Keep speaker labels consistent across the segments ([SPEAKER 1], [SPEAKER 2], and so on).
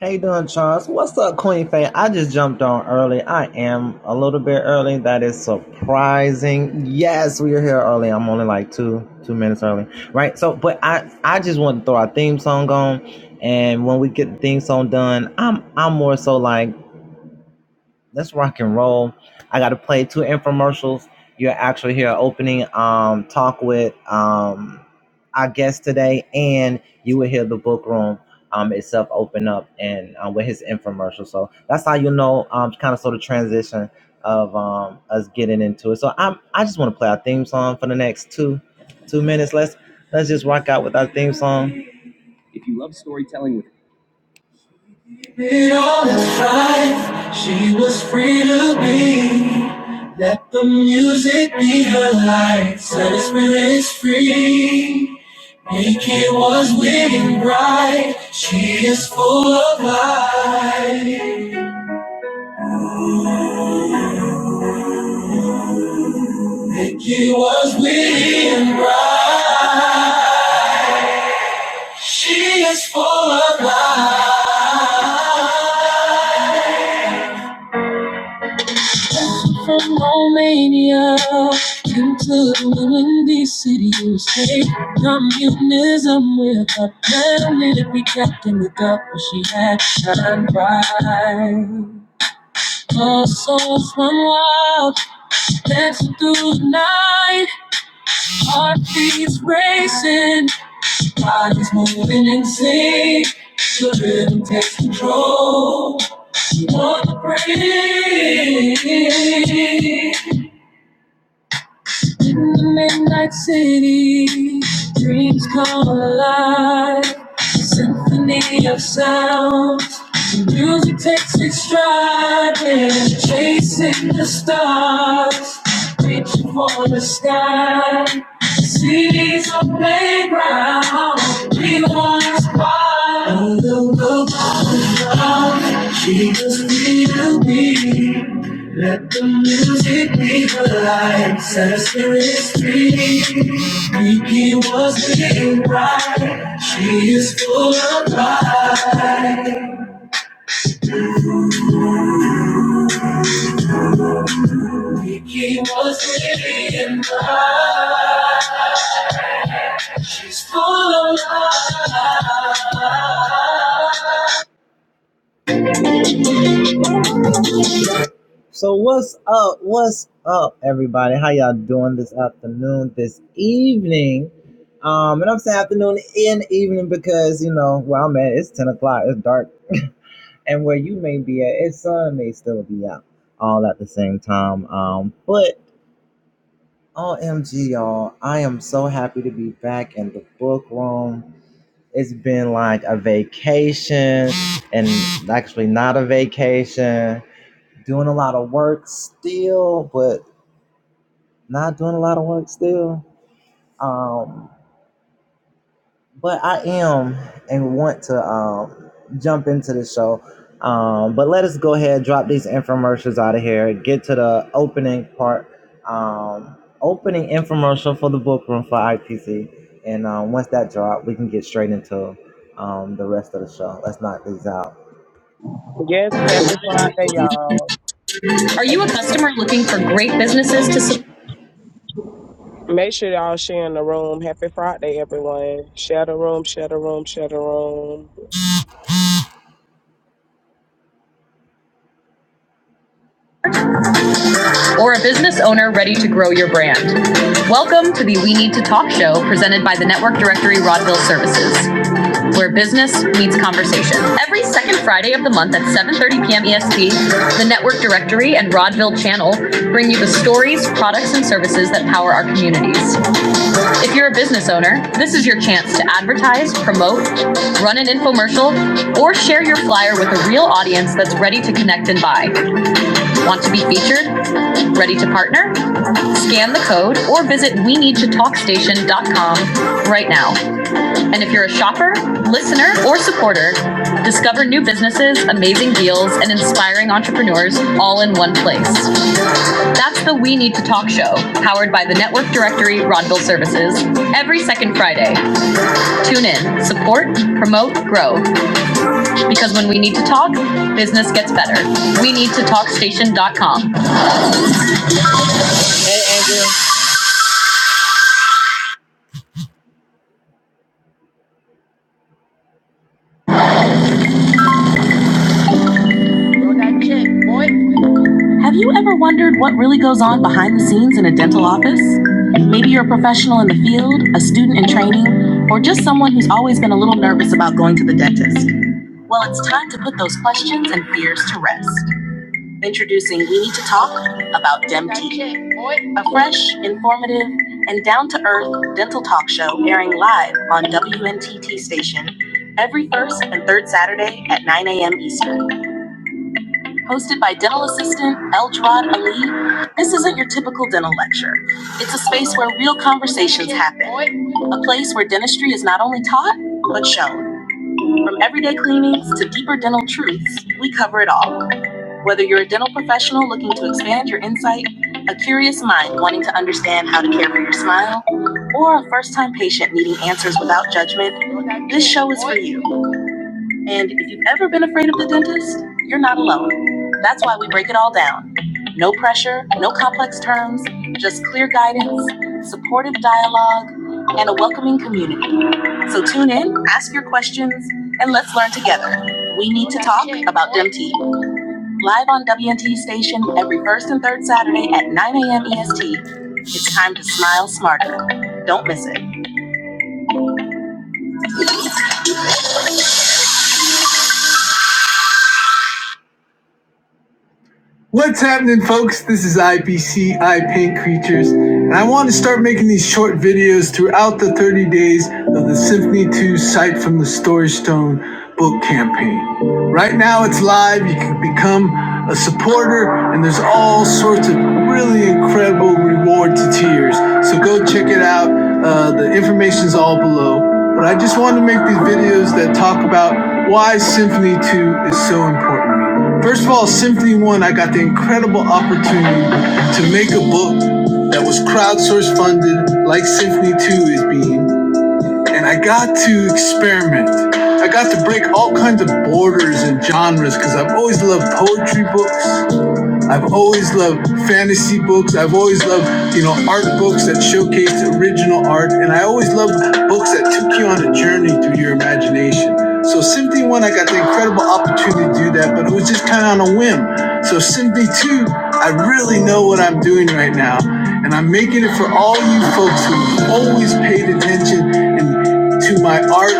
[SPEAKER 1] How you doing, Charles? What's up, Queen Faye? I just jumped on early. I am a little bit early. That is surprising. Yes, we are here early. I'm only like two two minutes early, right? So, but I I just want to throw our theme song on, and when we get the theme song done, I'm I'm more so like let's rock and roll. I got to play two infomercials. You're actually here opening um, talk with um, our guest today, and you will hear the book room um, itself open up and um, with his infomercial. So that's how you know um, kind of sort of transition of um, us getting into it. So I'm I just want to play our theme song for the next two two minutes. Let's let's just rock out with our theme song. If you love storytelling with. It all that's right, she was free to be. Let the music be her light, set her spirit free. Nikki was winning bright, she is full of light. Nikki was winning bright, she is full of From Romania into the city, you say communism with a family to be kept in the cup. but she had shine bright. Our souls run wild, dancing through the night, heartbeats racing, bodies moving in sync. The rhythm takes control. We want to breathe. In the midnight city, dreams come alive. Symphony of sound, music takes its stride. We're chasing the stars, reaching for the sky. Cities on playground, we wanna once wild. She just need to be. Let the music be the light. Set a spirit free. Kiki was living right. She is full of pride. Kiki was living right. She's full of life. So what's up? What's up, everybody? How y'all doing this afternoon, this evening? Um, and I'm saying afternoon and evening because you know where I'm at, it's ten o'clock, it's dark, and where you may be at, it's sun may still be out, all at the same time. Um, but OMG, y'all, I am so happy to be back in the book room. It's been like a vacation, and actually not a vacation doing a lot of work still, but Not doing a lot of work still. Um, but I am and want to um, jump into the show. Um, but let us go ahead, drop these infomercials out of here, get to the opening part, um, opening infomercial for the book room for IPC. And um, once that drop, we can get straight into um, the rest of the show. Let's knock these out.
[SPEAKER 2] Yes, happy Friday, y'all. Make sure y'all share in the room. Happy Friday, everyone. Share the room, share the room, share the room.
[SPEAKER 1] Or a business owner ready to grow your brand. Welcome to the We Need to Talk show presented by the Network Directory Rodville Services. where business meets conversation. Every second Friday of the month at 7:30 p.m. EST, the Network Directory and Rodville Channel bring you the stories, products, and services that power our communities. If you're a business owner, this is your chance to advertise, promote, run an infomercial, or share your flyer with a real audience that's ready to connect and buy. Want to be featured? Ready to partner? Scan the code or visit we need to talk station dot com right now. And if you're a shopper, listener, or supporter, discover new businesses, amazing deals, and inspiring entrepreneurs all in one place. That's the We Need to Talk show, powered by the Network Directory Rodville Services, every second Friday. Tune in, support, promote, grow. Because when we need to talk, business gets better. We need to talkstation.com. Have you ever wondered what really goes on behind the scenes in a dental office? Maybe you're a professional in the field, a student in training, or just someone who's always been a little nervous about going to the dentist. Well, it's time to put those questions and fears to rest. Introducing We Need to Talk about DemT, a fresh, informative, and down to earth dental talk show airing live on WNTT station every first and third Saturday at 9 a.m. Eastern. Hosted by dental assistant El Ali, this isn't your typical dental lecture. It's a space where real conversations happen. A place where dentistry is not only taught, but shown. From everyday cleanings to deeper dental truths, we cover it all. Whether you're a dental professional looking to expand your insight, a curious mind wanting to understand how to care for your smile, or a first time patient needing answers without judgment, this show is for you. And if you've ever been afraid of the dentist, you're not alone. That's why we break it all down. No pressure, no complex terms, just clear guidance, supportive dialogue, and a welcoming community. So tune in, ask your questions, and let's learn together. We need to talk about DMT. Live on WNT station every first and third Saturday at 9 a.m. EST. It's time to smile smarter. Don't miss it. What's happening, folks? This is IPC, I Paint Creatures, and I want to start making these short videos throughout the 30 days of the Symphony 2 Sight from the Story Stone book campaign. Right now it's live, you can become a supporter, and there's all sorts of really incredible reward to tiers. So go check it out. Uh, the information's all below. But I just wanted to make these videos that talk about why Symphony 2 is so important First of all, Symphony One, I got the incredible opportunity to make a book that was crowdsource funded, like Symphony Two is being, and I got to experiment. I got to break all kinds of borders and genres because I've always loved poetry books. I've always loved fantasy books. I've always loved, you know, art books that showcase original art. And I always loved books that took you on a journey through your imagination. So Symphony 1, I got the incredible opportunity to do that, but it was just kind of on a whim. So Symphony 2, I really know what I'm doing right now. And I'm making it for all you folks who've always paid attention and to my art,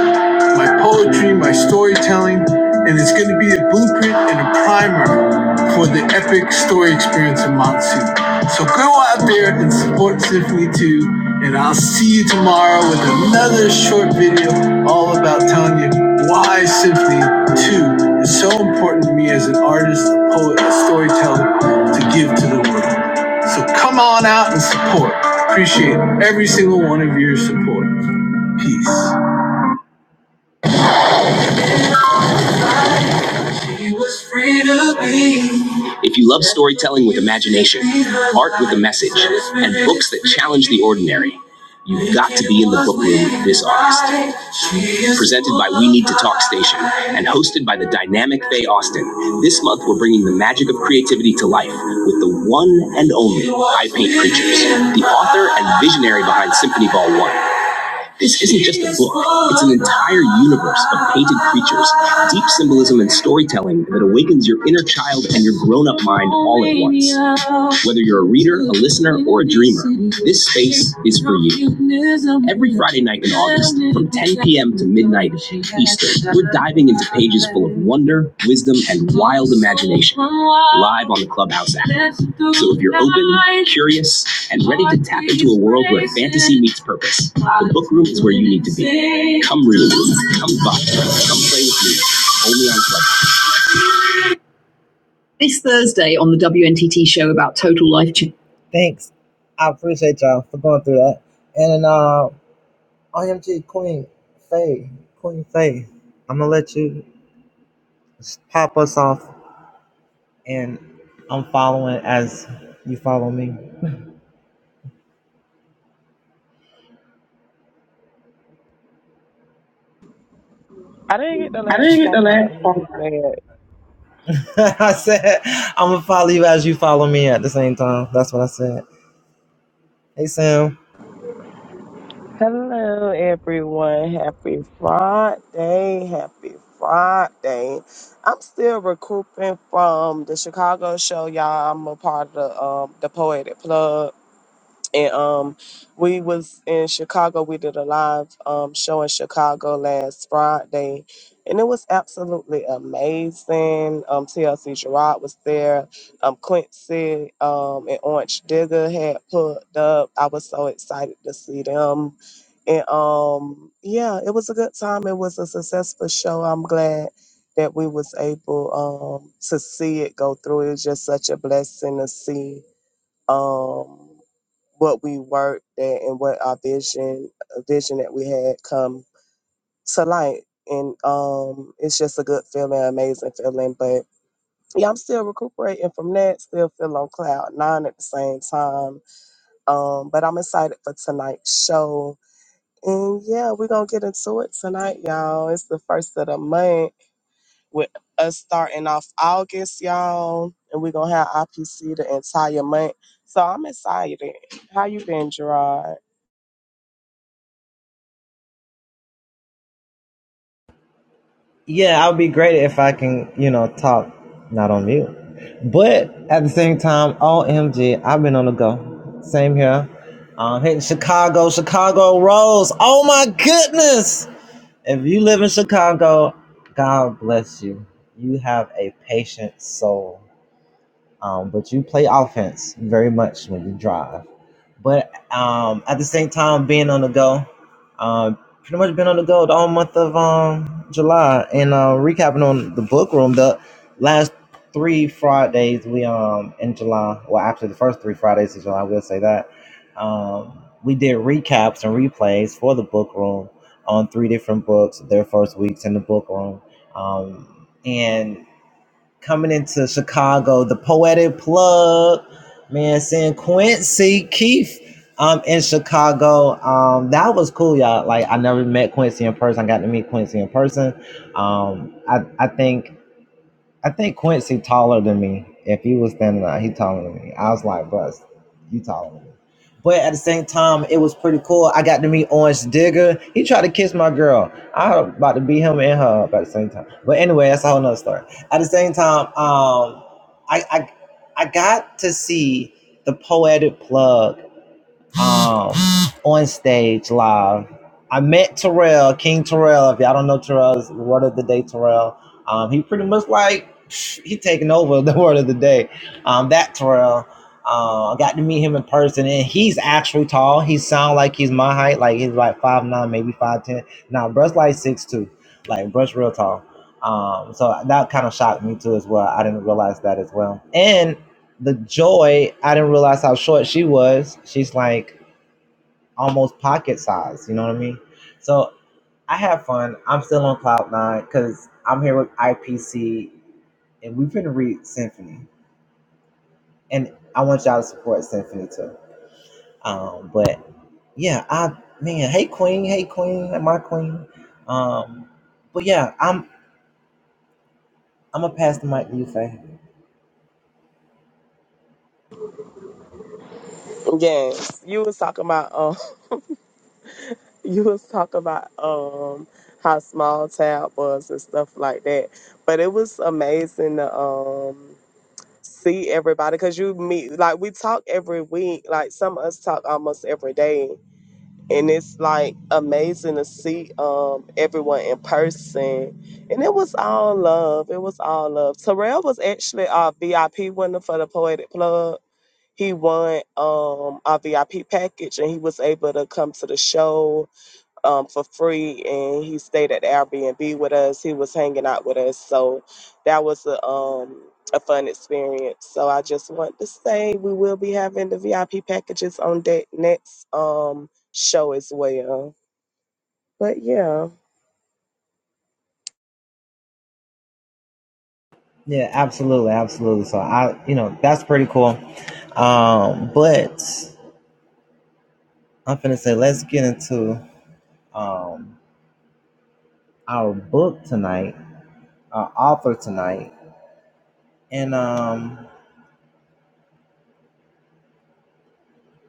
[SPEAKER 1] my poetry, my storytelling, and it's going to be a blueprint and a primer for the epic story experience in Matsu. So go out there and support Symphony 2, and I'll see you tomorrow with another short video all about telling you why Symphony 2 is so important to me as an artist, a poet, a storyteller to give to the world. So come on out and support. Appreciate every single one of your support. Peace. If you love storytelling with imagination, art with a message, and books that challenge the ordinary, you've got to be in the book room with this artist. Presented by We Need to Talk Station and hosted by the dynamic Faye Austin, this month we're bringing the magic of creativity to life with the one and only I Paint Creatures, the author and visionary behind Symphony Ball 1. This isn't just a book, it's an entire universe of painted creatures, deep symbolism and storytelling that awakens your inner child and your grown up mind all at once. Whether you're a reader, a listener, or a dreamer, this space is for you. Every Friday night in August, from 10 p.m. to midnight Eastern, we're diving into pages full of wonder, wisdom, and wild imagination live on the Clubhouse app. So if you're open, curious, and ready to tap into a world where fantasy meets purpose, book room is where you need to be. Come read, come buy, come play with me. Only on Club. This Thursday on the WNTT show about total life change. Thanks. I appreciate y'all for going through that. And uh, OMG Queen Faye, Queen Faye, I'm gonna let you pop us off, and I'm following as you follow me.
[SPEAKER 2] I didn't get the last part of what you said.
[SPEAKER 1] I said I'm gonna follow you as you follow me at the same time. That's what I said. Hey Sam.
[SPEAKER 2] Hello, everyone. Happy Friday. Happy Friday. I'm still recouping from the Chicago show, y'all. I'm a part of the, um, the Poetic Plug. And um, we was in Chicago. We did a live um, show in Chicago last Friday, and it was absolutely amazing. Um, TLC Gerard was there. Um, Quincy um, and Orange Digger had put up. I was so excited to see them. And um, yeah, it was a good time. It was a successful show. I'm glad that we was able um, to see it go through. It was just such a blessing to see. Um, what we worked at and what our vision vision that we had come to light and um it's just a good feeling amazing feeling but yeah i'm still recuperating from that still feel on cloud nine at the same time um but i'm excited for tonight's show and yeah we're gonna get into it tonight y'all it's the first of the month with us starting off august y'all and we're gonna have ipc the entire month so i'm excited how you been gerard
[SPEAKER 1] Yeah, I would be great if I can, you know, talk not on mute. But at the same time, OMG, I've been on the go. Same here. Um, hitting Chicago, Chicago Rolls. Oh my goodness. If you live in Chicago, God bless you. You have a patient soul. Um, but you play offense very much when you drive. But um, at the same time, being on the go, um, pretty much been on the go the whole month of um, July. And uh, recapping on the book room, the last three Fridays we um in July, well actually the first three Fridays of July, we'll say that um, we did recaps and replays for the book room on three different books, their first weeks in the book room. Um, and coming into Chicago, the poetic plug, man, seeing Quincy Keith um in Chicago. Um that was cool, y'all. Like I never met Quincy in person. I got to meet Quincy in person. Um I I think I think Quincy taller than me. If he was standing out, he taller than me. I was like, "Bus, you taller than me." But at the same time, it was pretty cool. I got to meet Orange Digger. He tried to kiss my girl. I was about to beat him and her up at the same time. But anyway, that's a whole nother story. At the same time, um, I, I I got to see the poetic plug um, on stage live. I met Terrell, King Terrell. If y'all don't know Terrell's word of the day, Terrell. Um, he pretty much like psh, he taking over the word of the day. Um, that Terrell. Uh, I got to meet him in person, and he's actually tall. He sound like he's my height, like he's like five nine, maybe five ten. Now, brush like six two, like brush real tall. Um, so that kind of shocked me too as well. I didn't realize that as well. And the joy, I didn't realize how short she was. She's like almost pocket size, You know what I mean? So I have fun. I'm still on cloud nine because I'm here with IPC, and we've been read Symphony, and I want y'all to support Symphony too. Um, but yeah, I man, hey Queen, hey Queen, my Queen. Um, but yeah, I'm I'm gonna pass the mic to you, Faye.
[SPEAKER 2] Yes, you was talking about um, you was talking about um, how small tab was and stuff like that. But it was amazing to um see everybody because you meet like we talk every week. Like some of us talk almost every day, and it's like amazing to see um everyone in person. And it was all love. It was all love. Terrell was actually our VIP winner for the Poetic Plug he won um our VIP package and he was able to come to the show um for free and he stayed at the Airbnb with us. He was hanging out with us. So that was a um a fun experience. So I just want to say we will be having the VIP packages on that next um show as well. But yeah.
[SPEAKER 1] Yeah, absolutely, absolutely. So I, you know, that's pretty cool. Um, but I'm gonna say let's get into um our book tonight. uh, author tonight, and um,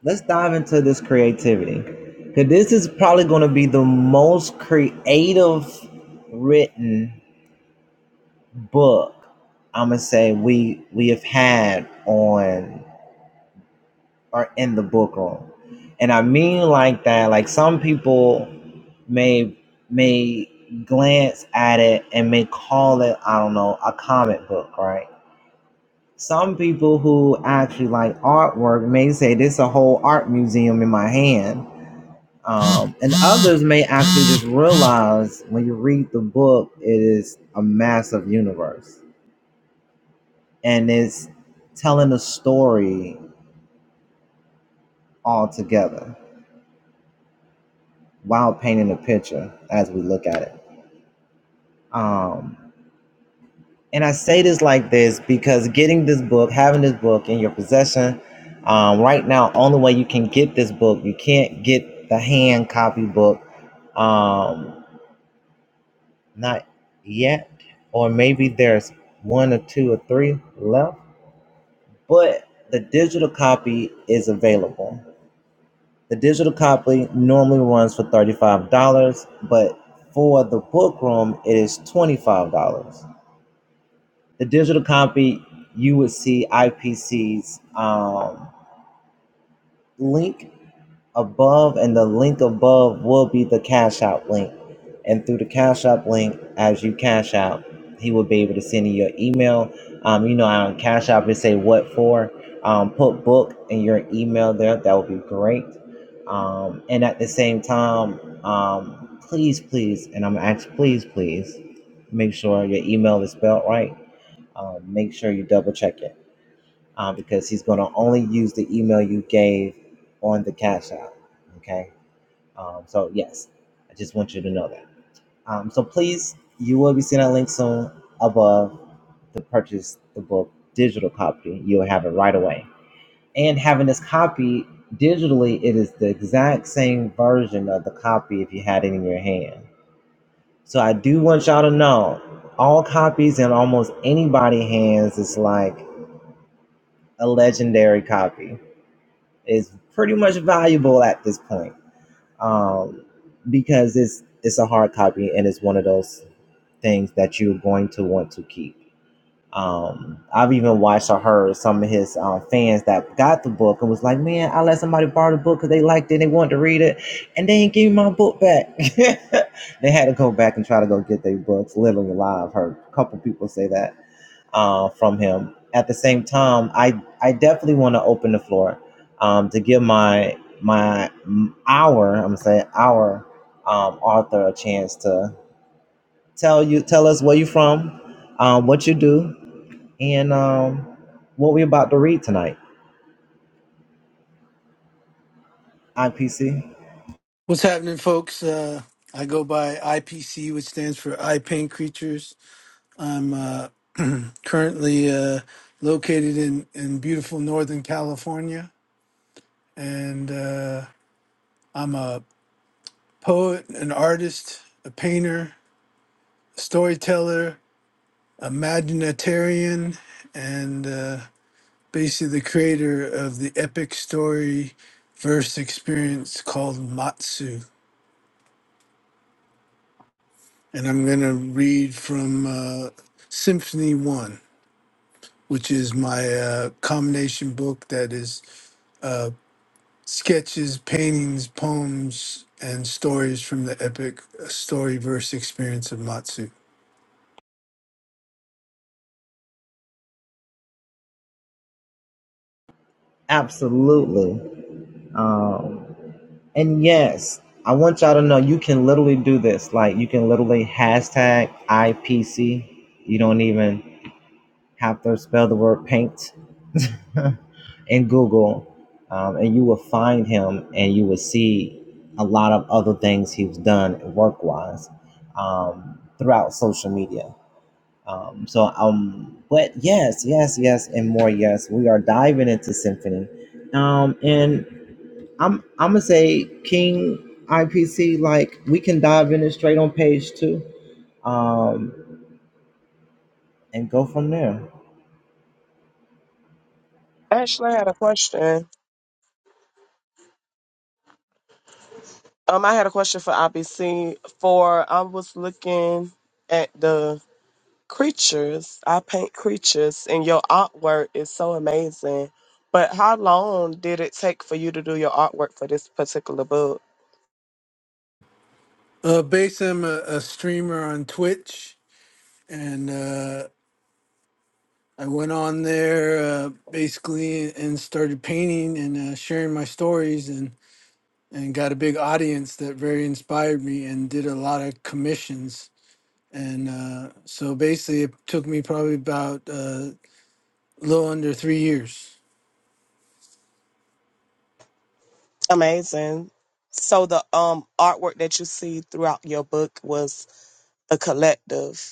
[SPEAKER 1] let's dive into this creativity, because this is probably going to be the most creative written book I'm gonna say we we have had on or in the book room, and I mean like that. Like some people may may glance at it and may call it I don't know a comic book, right? Some people who actually like artwork may say this is a whole art museum in my hand. Um, and others may actually just realize when you read the book, it is a massive universe and it's telling a story all together while painting a picture as we look at it. Um, And I say this like this because getting this book, having this book in your possession, um, right now, only way you can get this book, you can't get the hand copy book, um, not yet, or maybe there's one or two or three left, but the digital copy is available. The digital copy normally runs for $35, but for the book room, it is $25. The digital copy, you would see IPC's um, link above, and the link above will be the Cash Out link. And through the Cash out link, as you cash out, he will be able to send you your email. Um, you know, on Cash out it say what for. Um, put book in your email there. That would be great. Um, and at the same time, um, please, please, and I'm gonna ask, please, please, make sure your email is spelled right um, make sure you double check it uh, because he's going to only use the email you gave on the cash out. Okay. Um, so, yes, I just want you to know that. Um, so, please, you will be seeing a link soon above to purchase the book digital copy. You'll have it right away. And having this copy digitally, it is the exact same version of the copy if you had it in your hand. So, I do want y'all to know all copies in almost anybody hands is like, a legendary copy. It's pretty much valuable at this point um, because it's it's a hard copy and it's one of those things that you're going to want to keep. Um, I've even watched or heard some of his uh, fans that got the book and was like, "Man, I let somebody borrow the book because they liked it, and they wanted to read it, and they didn't give me my book back." they had to go back and try to go get their books. Literally live, heard a couple people say that uh, from him. At the same time, I I definitely want to open the floor um, to give my my m- our I'm gonna say our um, author a chance to tell you tell us where you are from, um, what you do, and um, what we're about to read tonight. IPC,
[SPEAKER 3] What's happening, folks? Uh, I go by IPC, which stands for I Paint Creatures. I'm uh, currently uh, located in, in beautiful Northern California, and uh, I'm a poet, an artist, a painter, a storyteller, imaginatarian, and uh, basically the creator of the epic story verse experience called Matsu. And I'm going to read from uh, Symphony 1. which is my uh, combination book that is uh, sketches, paintings, poems, and stories from the epic storyverse experience of Matsu.
[SPEAKER 1] absolutely, um, and yes. I want y'all to know you can literally do this. Like you can literally hashtag IPC. You don't even have to spell the word paint in Google, um, and you will find him, and you will see a lot of other things he's done work-wise um, throughout social media. Um, so, um, but yes, yes, yes, and more. Yes, we are diving into symphony, um, and I'm I'm gonna say King IPC. Like we can dive in it straight on page two, um, and go from there.
[SPEAKER 2] Actually I had a question. Um I had a question for IBC for I was looking at the creatures. I paint creatures, and your artwork is so amazing. But how long did it take for you to do your artwork for this particular book?
[SPEAKER 3] Uh, based, I'm a, a streamer on Twitch, and uh, I went on there uh, basically and started painting and uh, sharing my stories and and got a big audience that very inspired me and did a lot of commissions and uh, so basically it took me probably about uh, A little under three years.
[SPEAKER 2] Amazing. So the um artwork that you see throughout your book was a collective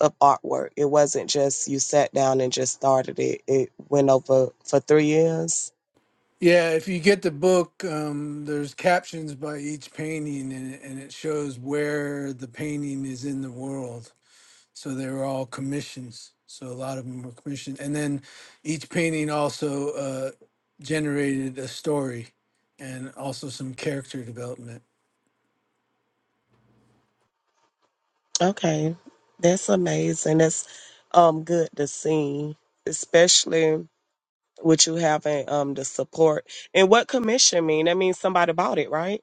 [SPEAKER 2] of artwork. It wasn't just you sat down and just started it. It went over for three years.
[SPEAKER 3] Yeah, if you get the book, um, there's captions by each painting, and it, and it shows where the painting is in the world. So they were all commissions. So a lot of them were commissioned, and then each painting also uh, generated a story and also some character development.
[SPEAKER 2] Okay. That's amazing. That's um good to see, especially with you having um the support. And what commission mean? That means somebody bought it, right?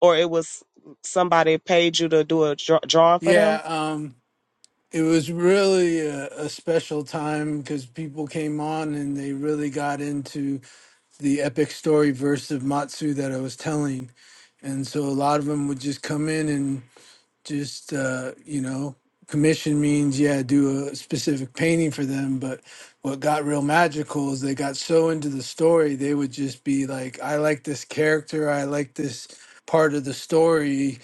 [SPEAKER 2] or it was somebody paid you to do a draw- drawing for them?
[SPEAKER 3] Yeah, um, it was really a, a special time because people came on and they really got into the epic story verse of Matsu that I was telling. And so a lot of them would just come in and just, uh, you know, commission means, yeah, do a specific painting for them. But what got real magical is they got so into the story, they would just be like, I like this character. I like this part of the story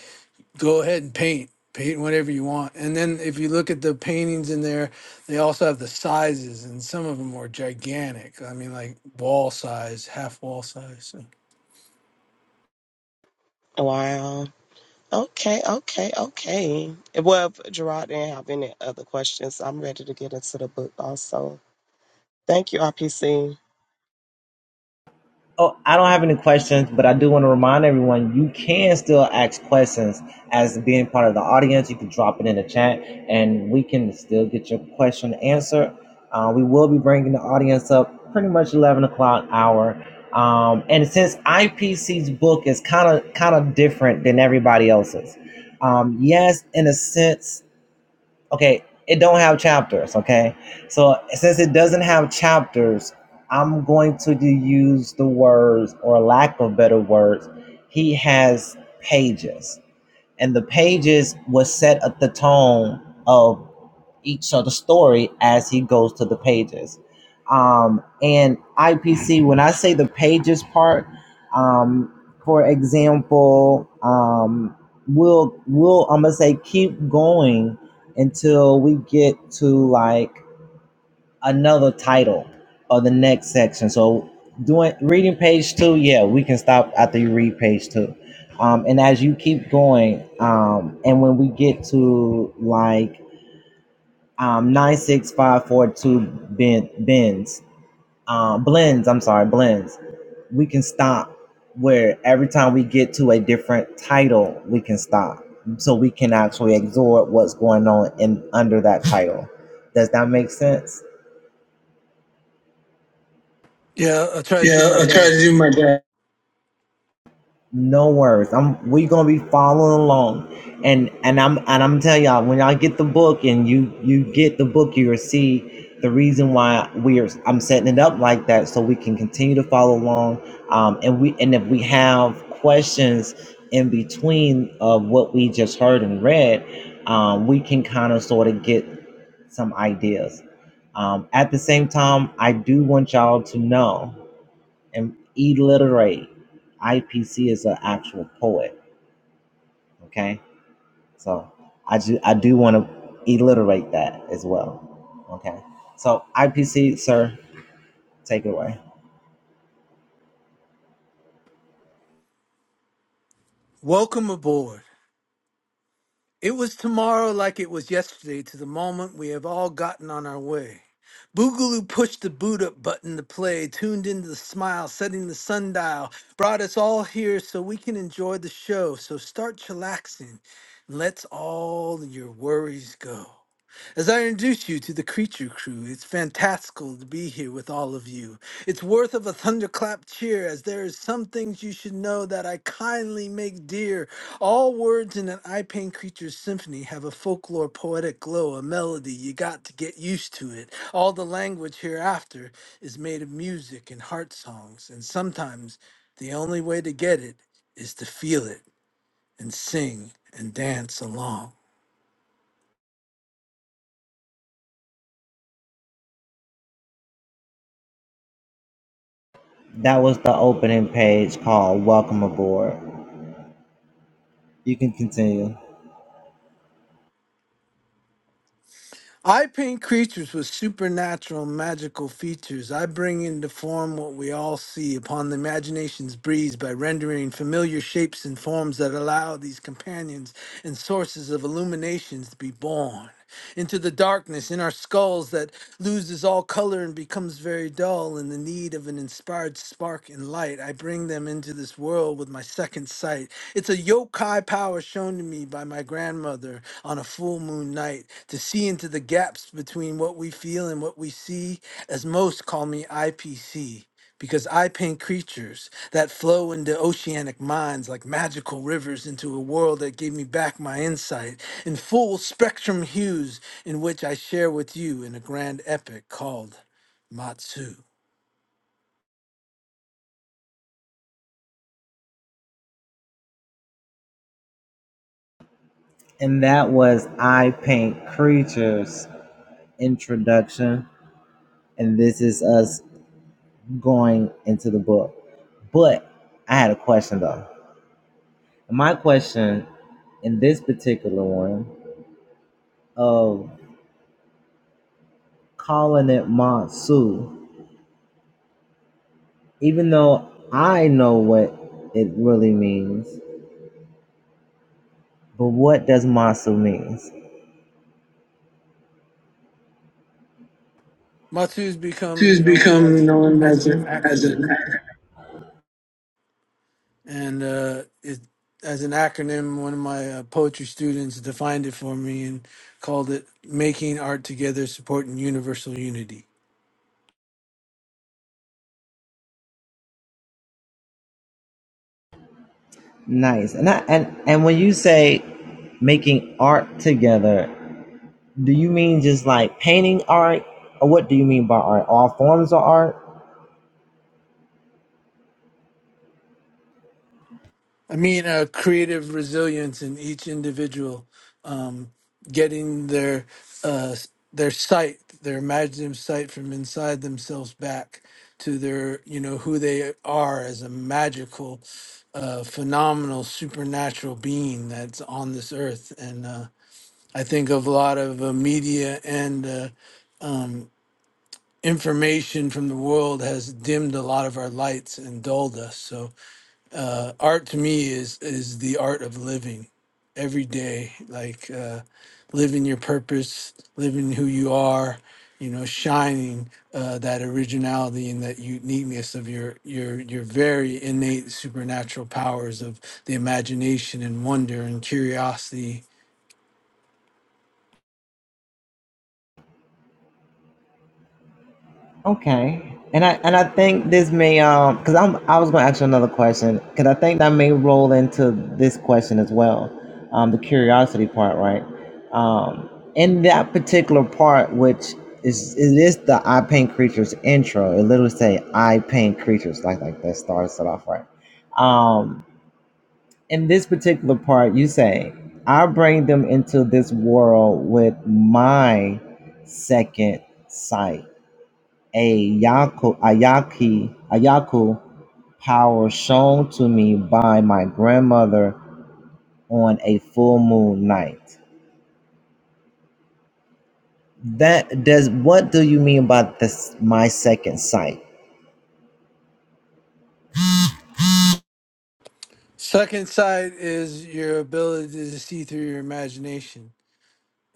[SPEAKER 3] go ahead and paint paint whatever you want and then if you look at the paintings in there they also have the sizes and some of them are gigantic i mean like wall size half wall size so,
[SPEAKER 2] Wow. Okay, okay, okay. Well, if Gerard didn't have any other questions, I'm ready to get into the book also. Thank you, RPC.
[SPEAKER 1] Oh, I don't have any questions, but I do want to remind everyone you can still ask questions as being part of the audience. You can drop it in the chat and we can still get your question answered. Uh, we will be bringing the audience up pretty much 11 o'clock hour. Um, and since IPC's book is kind of kind of different than everybody else's, um, yes, in a sense, okay it don't have chapters okay so since it doesn't have chapters i'm going to use the words or lack of better words he has pages and the pages was set at the tone of each other's story as he goes to the pages. Um, and IPC, when I say the pages part, um, for example, um, we'll we'll I'm gonna say keep going until we get to like another title or the next section. So doing reading page two, yeah, we can stop after you read page two. Um, and as you keep going, um, and when we get to like um, 96542 ben, bends, um, blends, I'm sorry, blends, we can stop where every time we get to a different title, we can stop. So we can actually absorb what's going on in under that title. Does that make sense?
[SPEAKER 3] yeah i'll try to do
[SPEAKER 1] Yeah, I
[SPEAKER 3] my
[SPEAKER 1] will try to
[SPEAKER 3] best
[SPEAKER 1] do my best. No worries. I'm we gonna be following along, and and I'm and I'm tell y'all when y'all get the book and you you get the book, you'll see the reason why we're I'm setting it up like that so we can continue to follow along. Um, and we and if we have questions in between of what we just heard and read, um, we can kind of sort of get some ideas. Um, at the same time, I do want y'all to know and illiterate. IPC is an actual poet. Okay, so I do I do want to illiterate that as well. Okay, so IPC, sir, take it away.
[SPEAKER 3] welcome aboard It was tomorrow like it was yesterday to the moment we have all gotten on our way. Boogaloo pushed the boot up button to play, tuned into the smile, setting the sundial, brought us all here so we can enjoy the show. So start chillaxing and let's all your worries go. As I introduce you to the Creature Crew, it's fantastical to be here with all of you. It's worth of a thunderclap cheer, as there is some things you should know that I kindly make dear. All words in an I pain Creatures symphony have a folklore poetic glow, a melody you got to get used to it. All the language hereafter is made of music and heart songs, and sometimes the only way to get it is to feel it and sing and dance along.
[SPEAKER 1] That was the opening page called "Welcome Aboard." You can continue,
[SPEAKER 3] I paint creatures with supernatural and magical features. I bring into form what we all see upon the imagination's breeze by rendering familiar shapes and forms that allow these companions and sources of illuminations to be born into the darkness in our skulls that loses all color and becomes very dull in the need of an inspired spark and light. I bring them into this world with my second sight. It's a yokai power shown to me by my grandmother on a full moon night to see into the gaps between what we feel and what we see, as most call me IPC because I paint creatures that flow into oceanic minds like magical rivers into a world that gave me back my insight in full spectrum hues, in which I share with you in a grand epic called Matsu.
[SPEAKER 1] and that was I Paint Creatures introduction, and this is us going into the book. But I had a question though. My question in this particular one of calling it Matsu, even though I know what it really means. But what does Matsu means?
[SPEAKER 3] Matsu's
[SPEAKER 1] To has
[SPEAKER 3] become known as
[SPEAKER 1] become
[SPEAKER 3] an
[SPEAKER 1] known
[SPEAKER 3] as
[SPEAKER 1] as
[SPEAKER 3] an
[SPEAKER 1] a, as a
[SPEAKER 3] acronym, and uh, it as an acronym, one of my uh, poetry students defined it for me and called it "Making Art Together, Supporting Universal Unity."
[SPEAKER 1] Nice. And I, and and when you say making art together, do you mean just like painting art, or what do you mean by art? All forms of art?
[SPEAKER 3] I mean, uh, creative resilience in each individual, um, getting their uh, their sight, their imaginative sight from inside themselves back to their, you know, who they are as a magical, uh, phenomenal, supernatural being that's on this earth, and uh, I think of a lot of uh, media and uh, um, information from the world has dimmed a lot of our lights and dulled us. So, uh, art to me is is the art of living every day, like uh, living your purpose, living who you are. You know, shining uh, that originality and that uniqueness of your your your very innate supernatural powers of the imagination and wonder and curiosity
[SPEAKER 1] Okay. And I and I think this may um because I'm I was gonna ask you another question because I think that may roll into this question as well, um the curiosity part right, um in that particular part which is it is the I paint creatures intro it literally say I paint creatures like like that starts it off right, um in this particular part you say I bring them into this world with my second sight a Yaku, Ayaki, Ayaku power shown to me by my grandmother on a full moon night. That does what do you mean by this my second sight?
[SPEAKER 3] Second sight is your ability to see through your imagination,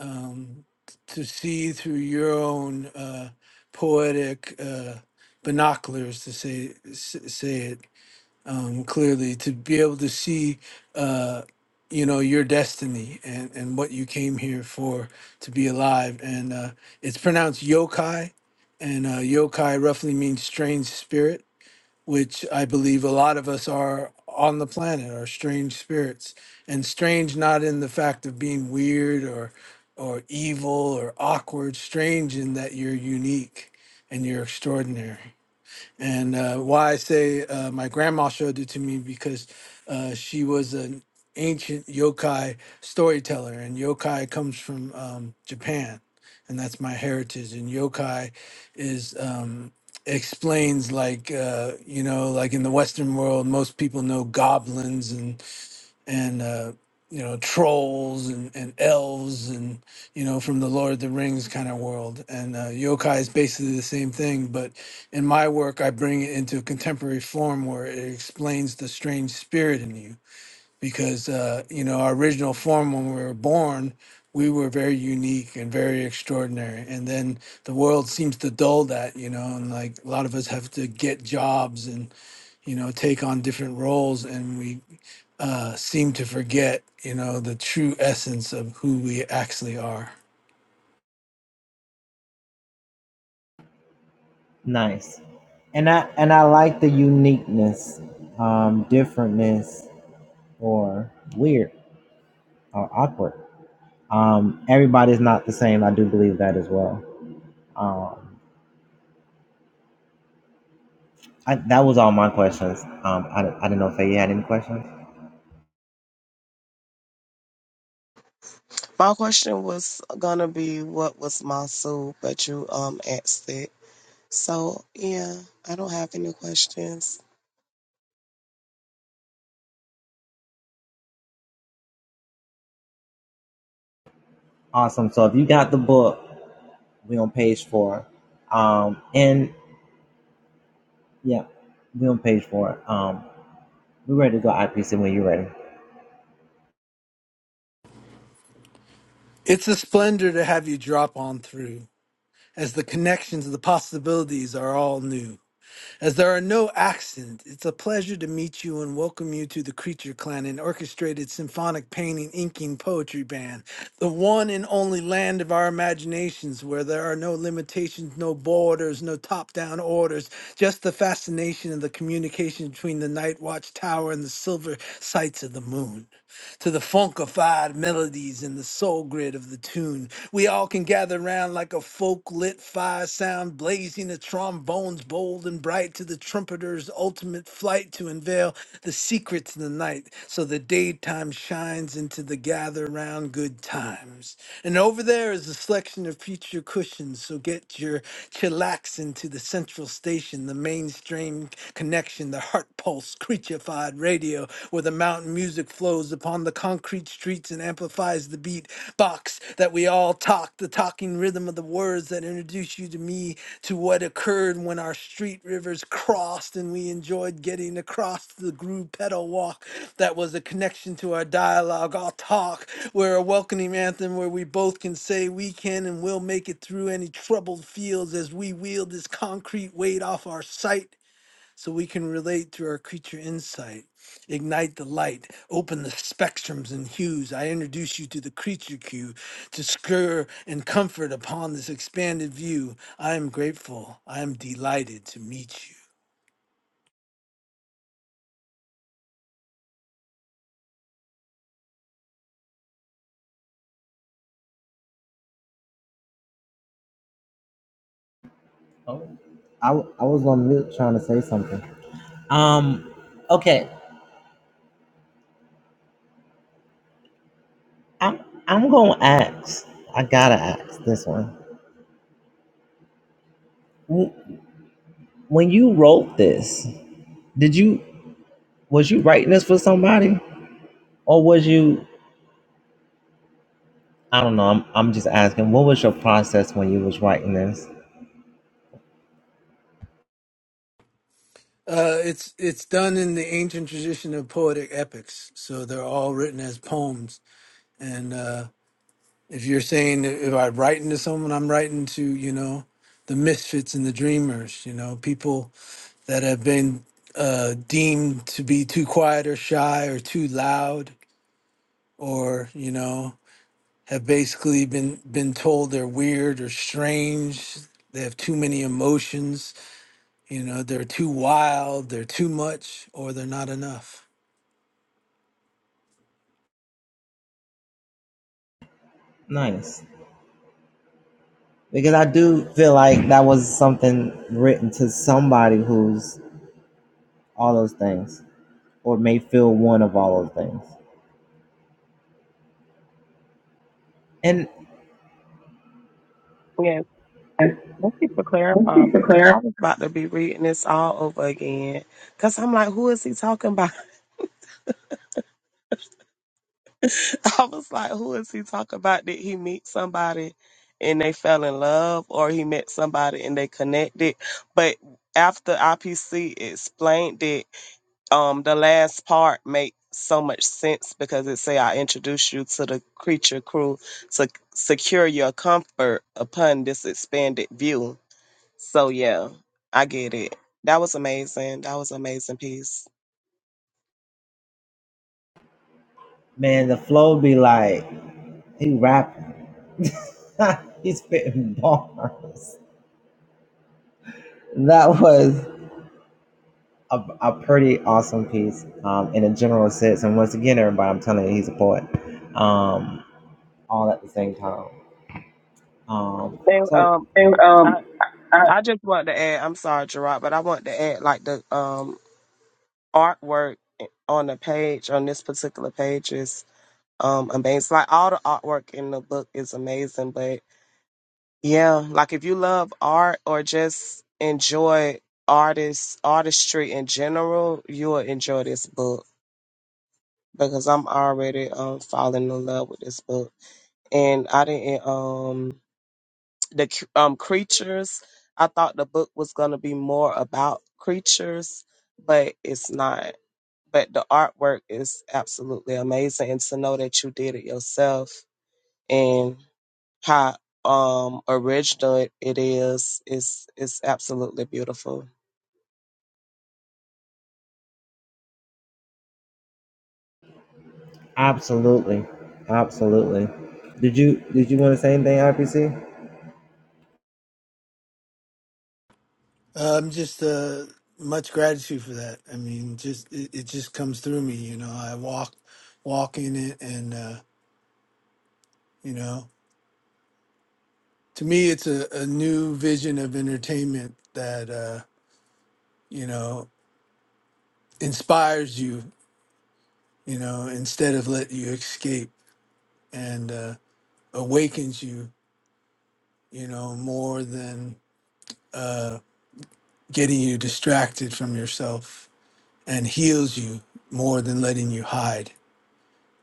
[SPEAKER 3] um, to see through your own uh, poetic uh, binoculars, to say s- say it um, clearly, to be able to see, uh, you know, your destiny and and what you came here for to be alive. And uh, it's pronounced yokai, and uh, yokai roughly means strange spirit which I believe a lot of us are on the planet, are strange spirits. And strange not in the fact of being weird or or evil or awkward, strange in that you're unique and you're extraordinary. And uh, why I say uh, my grandma showed it to me because uh, she was an ancient yokai storyteller, and yokai comes from um, Japan, and that's my heritage. And yokai is um, explains like uh, you know, like in the Western world, most people know goblins and and uh, you know trolls and, and elves and you know from the Lord of the Rings kind of world. And uh, yokai is basically the same thing, but in my work, I bring it into a contemporary form where it explains the strange spirit in you. Because uh, you know our original form when we were born, we were very unique and very extraordinary. And then the world seems to dull that, you know, and like a lot of us have to get jobs and you know take on different roles, and we uh, seem to forget, you know, the true essence of who we actually are.
[SPEAKER 1] Nice. And I and I like the uniqueness, um, differentness or weird or awkward. Um, everybody's not the same. I do believe that as well. Um, I, that was all my questions. Um, I, I don't know if you had any questions.
[SPEAKER 2] My question was gonna be what was my soul, but you um asked it. So yeah, I don't have any questions.
[SPEAKER 1] Awesome. So if you got the book, we on page four. Um, and yeah, we on page four. Um, we ready to go IPC when you're ready.
[SPEAKER 3] It's a splendor to have you drop on through, as the connections and the possibilities are all new. As there are no accents, it's a pleasure to meet you and welcome you to the Creature Clan, an orchestrated symphonic painting, inking poetry band, the one and only land of our imaginations where there are no limitations, no borders, no top down orders, just the fascination of the communication between the Night Watch Tower and the silver sights of the moon to the funkified melodies and the soul grid of the tune. We all can gather round like a folk lit fire sound, blazing the trombones bold and bright to the trumpeter's ultimate flight to unveil the secrets of the night, so the daytime shines into the gather round good times. And over there is a selection of future cushions, so get your chillaxing to the central station, the mainstream connection, the heart pulse, creature amplified radio where the mountain music flows upon the concrete streets and amplifies the beat box that we all talk, the talking rhythm of the words that introduce you to me to what occurred when our street rivers crossed and we enjoyed getting across the groove pedal walk that was a connection to our dialogue. I'll talk. where a welcoming anthem where we both can say we can and will make it through any troubled fields as we wield this concrete weight off our sight so we can relate through our creature insight, ignite the light, open the spectrums and hues. I introduce you to the creature cue to stir and comfort upon this expanded view. I am grateful. I am delighted to meet you.
[SPEAKER 1] I I was on mute trying to say something. Um, okay. I'm I'm gonna ask. I gotta ask this one. When you wrote this, did you was you writing this for somebody or was you? I don't know. I'm I'm just asking. What was your process when you was writing this?
[SPEAKER 3] Uh, it's it's done in the ancient tradition of poetic epics, so they're all written as poems. And uh, if you're saying if I'm writing to someone, I'm writing to you know the misfits and the dreamers, you know people that have been uh, deemed to be too quiet or shy or too loud or you know have basically been been told they're weird or strange they have too many emotions you know they're too wild they're too much or they're not enough
[SPEAKER 1] Nice. Because I do feel like that was something written to somebody who's all those things or may feel one of all those things. And
[SPEAKER 2] Yeah, thank you for clarifying because I was about to be reading this all over again. Cause I'm like, who is he talking about? I was like, who is he talking about? Did he meet somebody and they fell in love, or he met somebody and they connected? But after IPC explained it, um the last part makes so much sense because it say i introduce you to the creature crew to secure your comfort upon this expanded view so yeah i get it that was amazing that was an amazing piece
[SPEAKER 1] man, the flow be like, he rapping, he's spitting bars. That was a, a pretty awesome piece um, in a general sense. And once again, everybody, I'm telling you, he's a poet um, all at the same time. Um,
[SPEAKER 2] and
[SPEAKER 1] so,
[SPEAKER 2] um
[SPEAKER 1] And
[SPEAKER 2] i
[SPEAKER 1] um, I,
[SPEAKER 2] i just want to add i'm sorry gerard but i want to add like the um artwork on the page on this particular page is um amazing like all the artwork in the book is amazing but Yeah, like if you love art or just enjoy artists artistry in general, you'll enjoy this book because I'm already um falling in love with this book. And I didn't um the c- um creatures. I thought the book was gonna be more about creatures, but it's not. But the artwork is absolutely amazing, and to know that you did it yourself how um original it is. It's it's absolutely beautiful.
[SPEAKER 1] Absolutely. Absolutely. Did you did you want to say anything, IPC?
[SPEAKER 3] i'm just uh, much gratitude for that i mean just it, it just comes through me you know i walk walk in it and uh, you know to me it's a, a new vision of entertainment that uh, you know inspires you, you know, instead of let you escape and uh, awakens you, you know, more than getting you distracted from yourself and heals you more than letting you hide.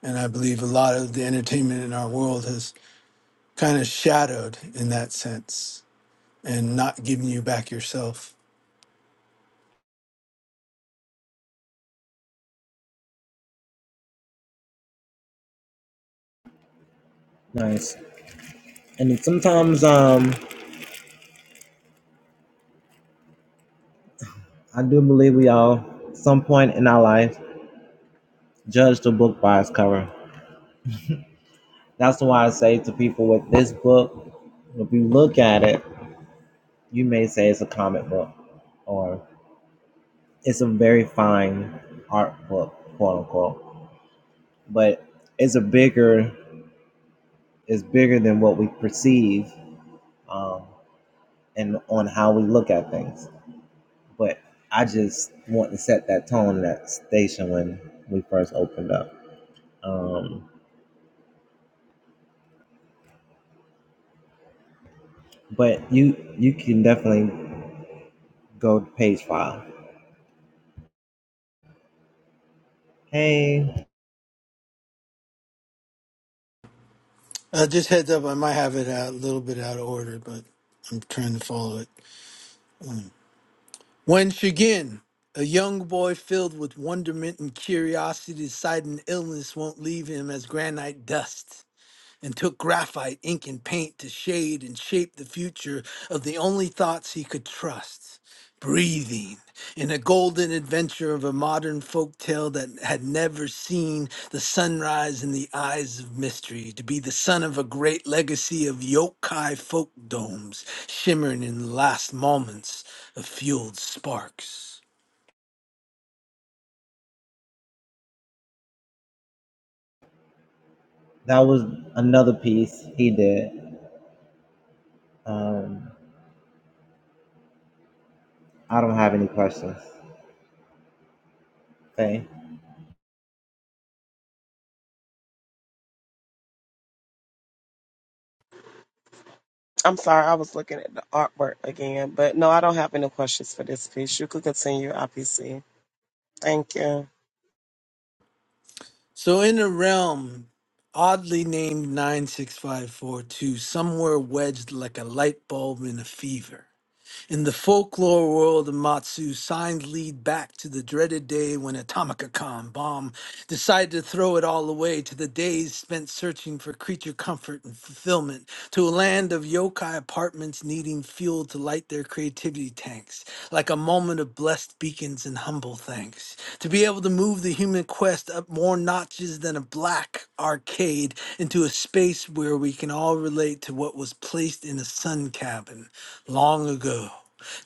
[SPEAKER 3] And I believe a lot of the entertainment in our world has kind of shadowed in that sense and not giving you back yourself.
[SPEAKER 1] Nice. And then sometimes um I do believe we all some point in our life judge the book by its cover. That's why I say to people with this book, if you look at it, you may say it's a comic book or it's a very fine art book, quote unquote. But it's a bigger it's bigger than what we perceive um, and on how we look at things. but I just want to set that tone in that station when we first opened up. Um, but you you can definitely go to page five. Hey,
[SPEAKER 3] Uh, just heads up, I might have it out, a little bit out of order, but I'm trying to follow it. Mm. When Shigin, a young boy filled with wonderment and curiosity, decided an illness won't leave him as granite dust and took graphite, ink, and paint to shade and shape the future of the only thoughts he could trust breathing in a golden adventure of a modern folk tale that had never seen the sunrise in the eyes of mystery to be the son of a great legacy of yokai folk domes shimmering in the last moments of fueled sparks
[SPEAKER 1] that was another piece he did. Um, I don't have any questions. Okay,
[SPEAKER 2] I'm sorry, I was looking at the artwork again, but no, I don't have any questions for this piece. You could continue, IPC. Thank you.
[SPEAKER 3] So in a realm oddly named 96542, somewhere wedged like a light bulb in a fever, in the folklore world of Matsu, signs lead back to the dreaded day when Atomicacom bomb decided to throw it all away, to the days spent searching for creature comfort and fulfillment, to a land of yokai apartments needing fuel to light their creativity tanks, like a moment of blessed beacons and humble thanks, to be able to move the human quest up more notches than a black arcade into a space where we can all relate to what was placed in a sun cabin long ago,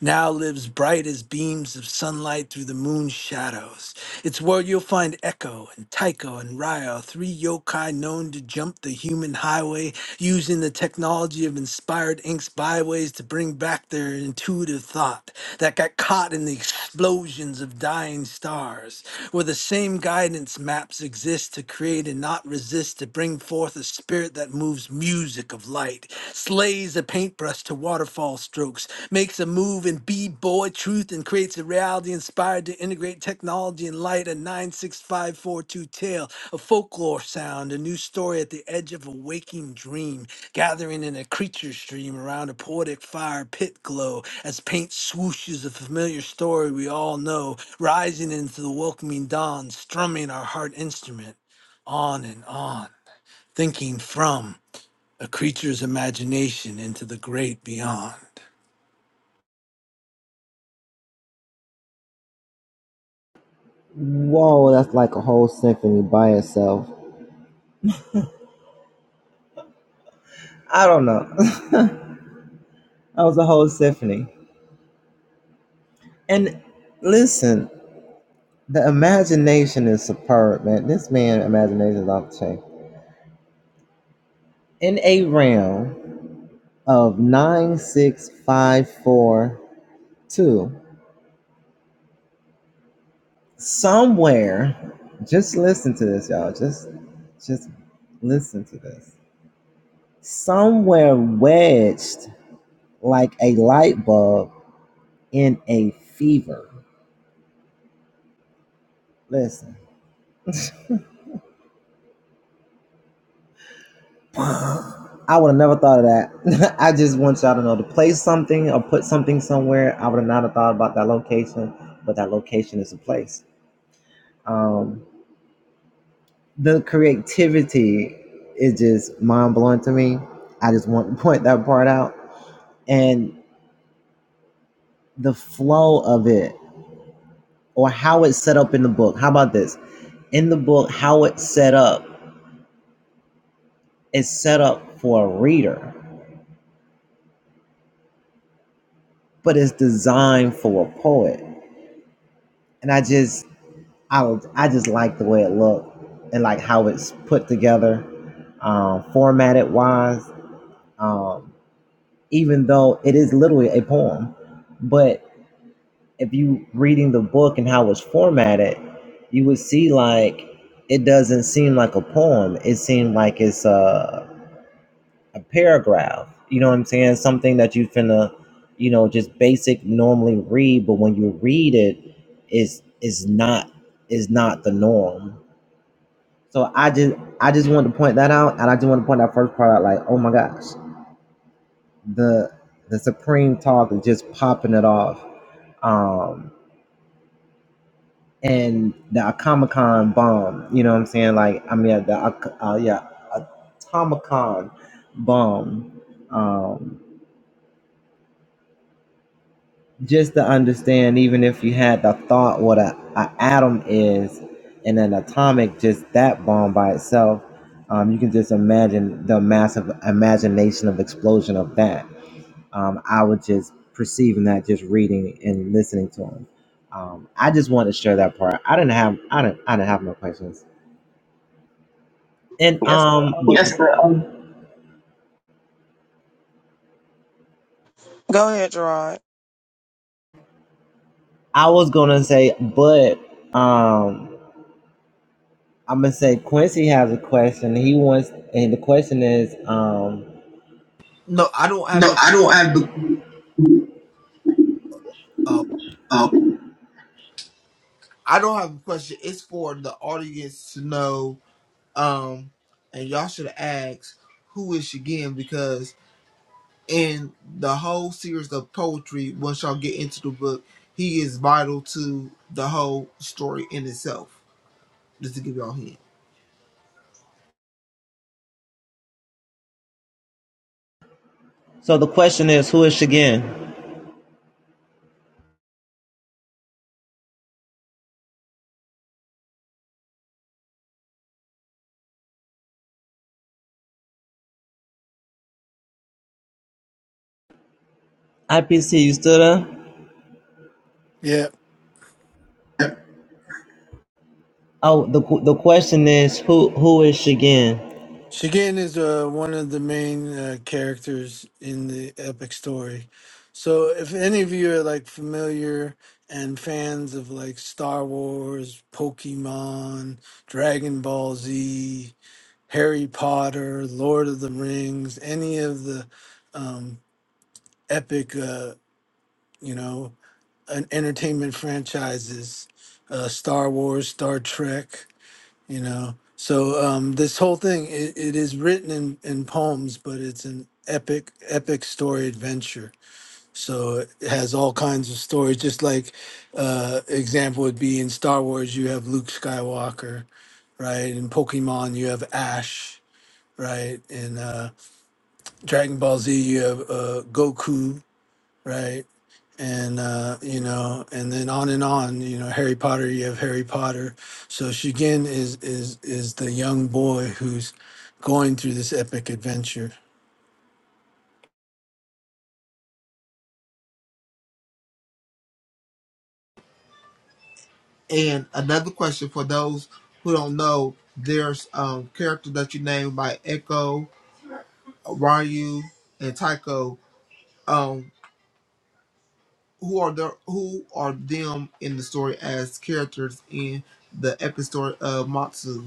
[SPEAKER 3] now lives bright as beams of sunlight through the moon's shadows. It's where you'll find Echo and Tycho and Ryo, three yokai known to jump the human highway, using the technology of inspired ink's byways to bring back their intuitive thought that got caught in the explosions of dying stars, where the same guidance maps exist to create and not resist, to bring forth a spirit that moves music of light, slays a paintbrush to waterfall strokes, makes a move in b-boy truth and creates a reality inspired to integrate technology and light, a 96542 tale, a folklore sound, a new story at the edge of a waking dream, gathering in a creature stream around a poetic fire pit glow, as paint swooshes a familiar story we all know, rising into the welcoming dawn, strumming our heart instrument, on and on, thinking from a creature's imagination into the great beyond.
[SPEAKER 1] Whoa, that's like a whole symphony by itself. I don't know. that was a whole symphony. And listen, the imagination is superb, man. This man imagination is off the chain. In a realm. of 96542 somewhere just listen to this y'all just just listen to this somewhere wedged like a light bulb in a fever listen i would have never thought of that i just want y'all to know to place something or put something somewhere i would have not have thought about that location but that location is a place um the creativity is just mind blowing to me. I just want to point that part out. And the flow of it or how it's set up in the book. How about this? In the book, how it's set up is set up for a reader, but it's designed for a poet. And I just I I just like the way it looked and like how it's put together, um, formatted wise. Um, even though it is literally a poem, but if you reading the book and how it's formatted, you would see like it doesn't seem like a poem. It seemed like it's a, a paragraph. You know what I'm saying? Something that you finna, you know, just basic normally read, but when you read it, is is not is not the norm. So I just I just wanted to point that out, and I just want to point that first part out. Like, oh my gosh, the the supreme talk is just popping it off. Um, and the Comic Con bomb. You know what I'm saying? Like, I mean, the uh, uh, yeah, Atomicon bomb. Um, just to understand, even if you had the thought what a, a atom is, and an atomic, just that bomb by itself, um, you can just imagine the massive imagination of explosion of that. Um, I was just perceiving that, just reading and listening to him. Um, I just wanted to share that part. I didn't have, I didn't, I didn't have no questions And
[SPEAKER 2] Yes, sir.
[SPEAKER 1] um,
[SPEAKER 2] Um,
[SPEAKER 1] Yeah.
[SPEAKER 2] go ahead, Gerard.
[SPEAKER 1] I was gonna say, but um, I'm gonna say Quincy has a question. He wants, and the question is, um,
[SPEAKER 4] No, I don't have
[SPEAKER 1] No,
[SPEAKER 4] the.
[SPEAKER 1] I don't have the.
[SPEAKER 4] Uh, I don't have a question. It's for the audience to know. Um, and y'all should ask who is she again because in the whole series of poetry, once y'all get into the book, he is vital to the whole story in itself. Just to give y'all a hint.
[SPEAKER 1] so the question is, who is Shigen? IPC, you still there?
[SPEAKER 3] Yeah.
[SPEAKER 1] Oh, the the question is, who who is Shigen?
[SPEAKER 3] Shigen is uh, one of the main uh, characters in the epic story. So if any of you are like familiar and fans of like Star Wars, Pokemon, Dragon Ball Z, Harry Potter, Lord of the Rings, any of the um, epic, uh, you know, an entertainment franchises, uh, Star Wars, Star Trek. you know so um this whole thing it, it is written in in poems but it's an epic epic story adventure so it has all kinds of stories just like uh example would be in star wars you have luke skywalker right in pokemon you have ash right in uh dragon ball z you have uh goku right? And uh, you know, and then on and on, you know, Harry Potter, you have Harry Potter. So Shugin is is is the young boy who's going through this epic adventure.
[SPEAKER 4] And another question for those who don't know, there's um characters that you named by Echo, Ryu, and Tycho. Um, who are the who are them in the story as characters in the epic story of Matsu.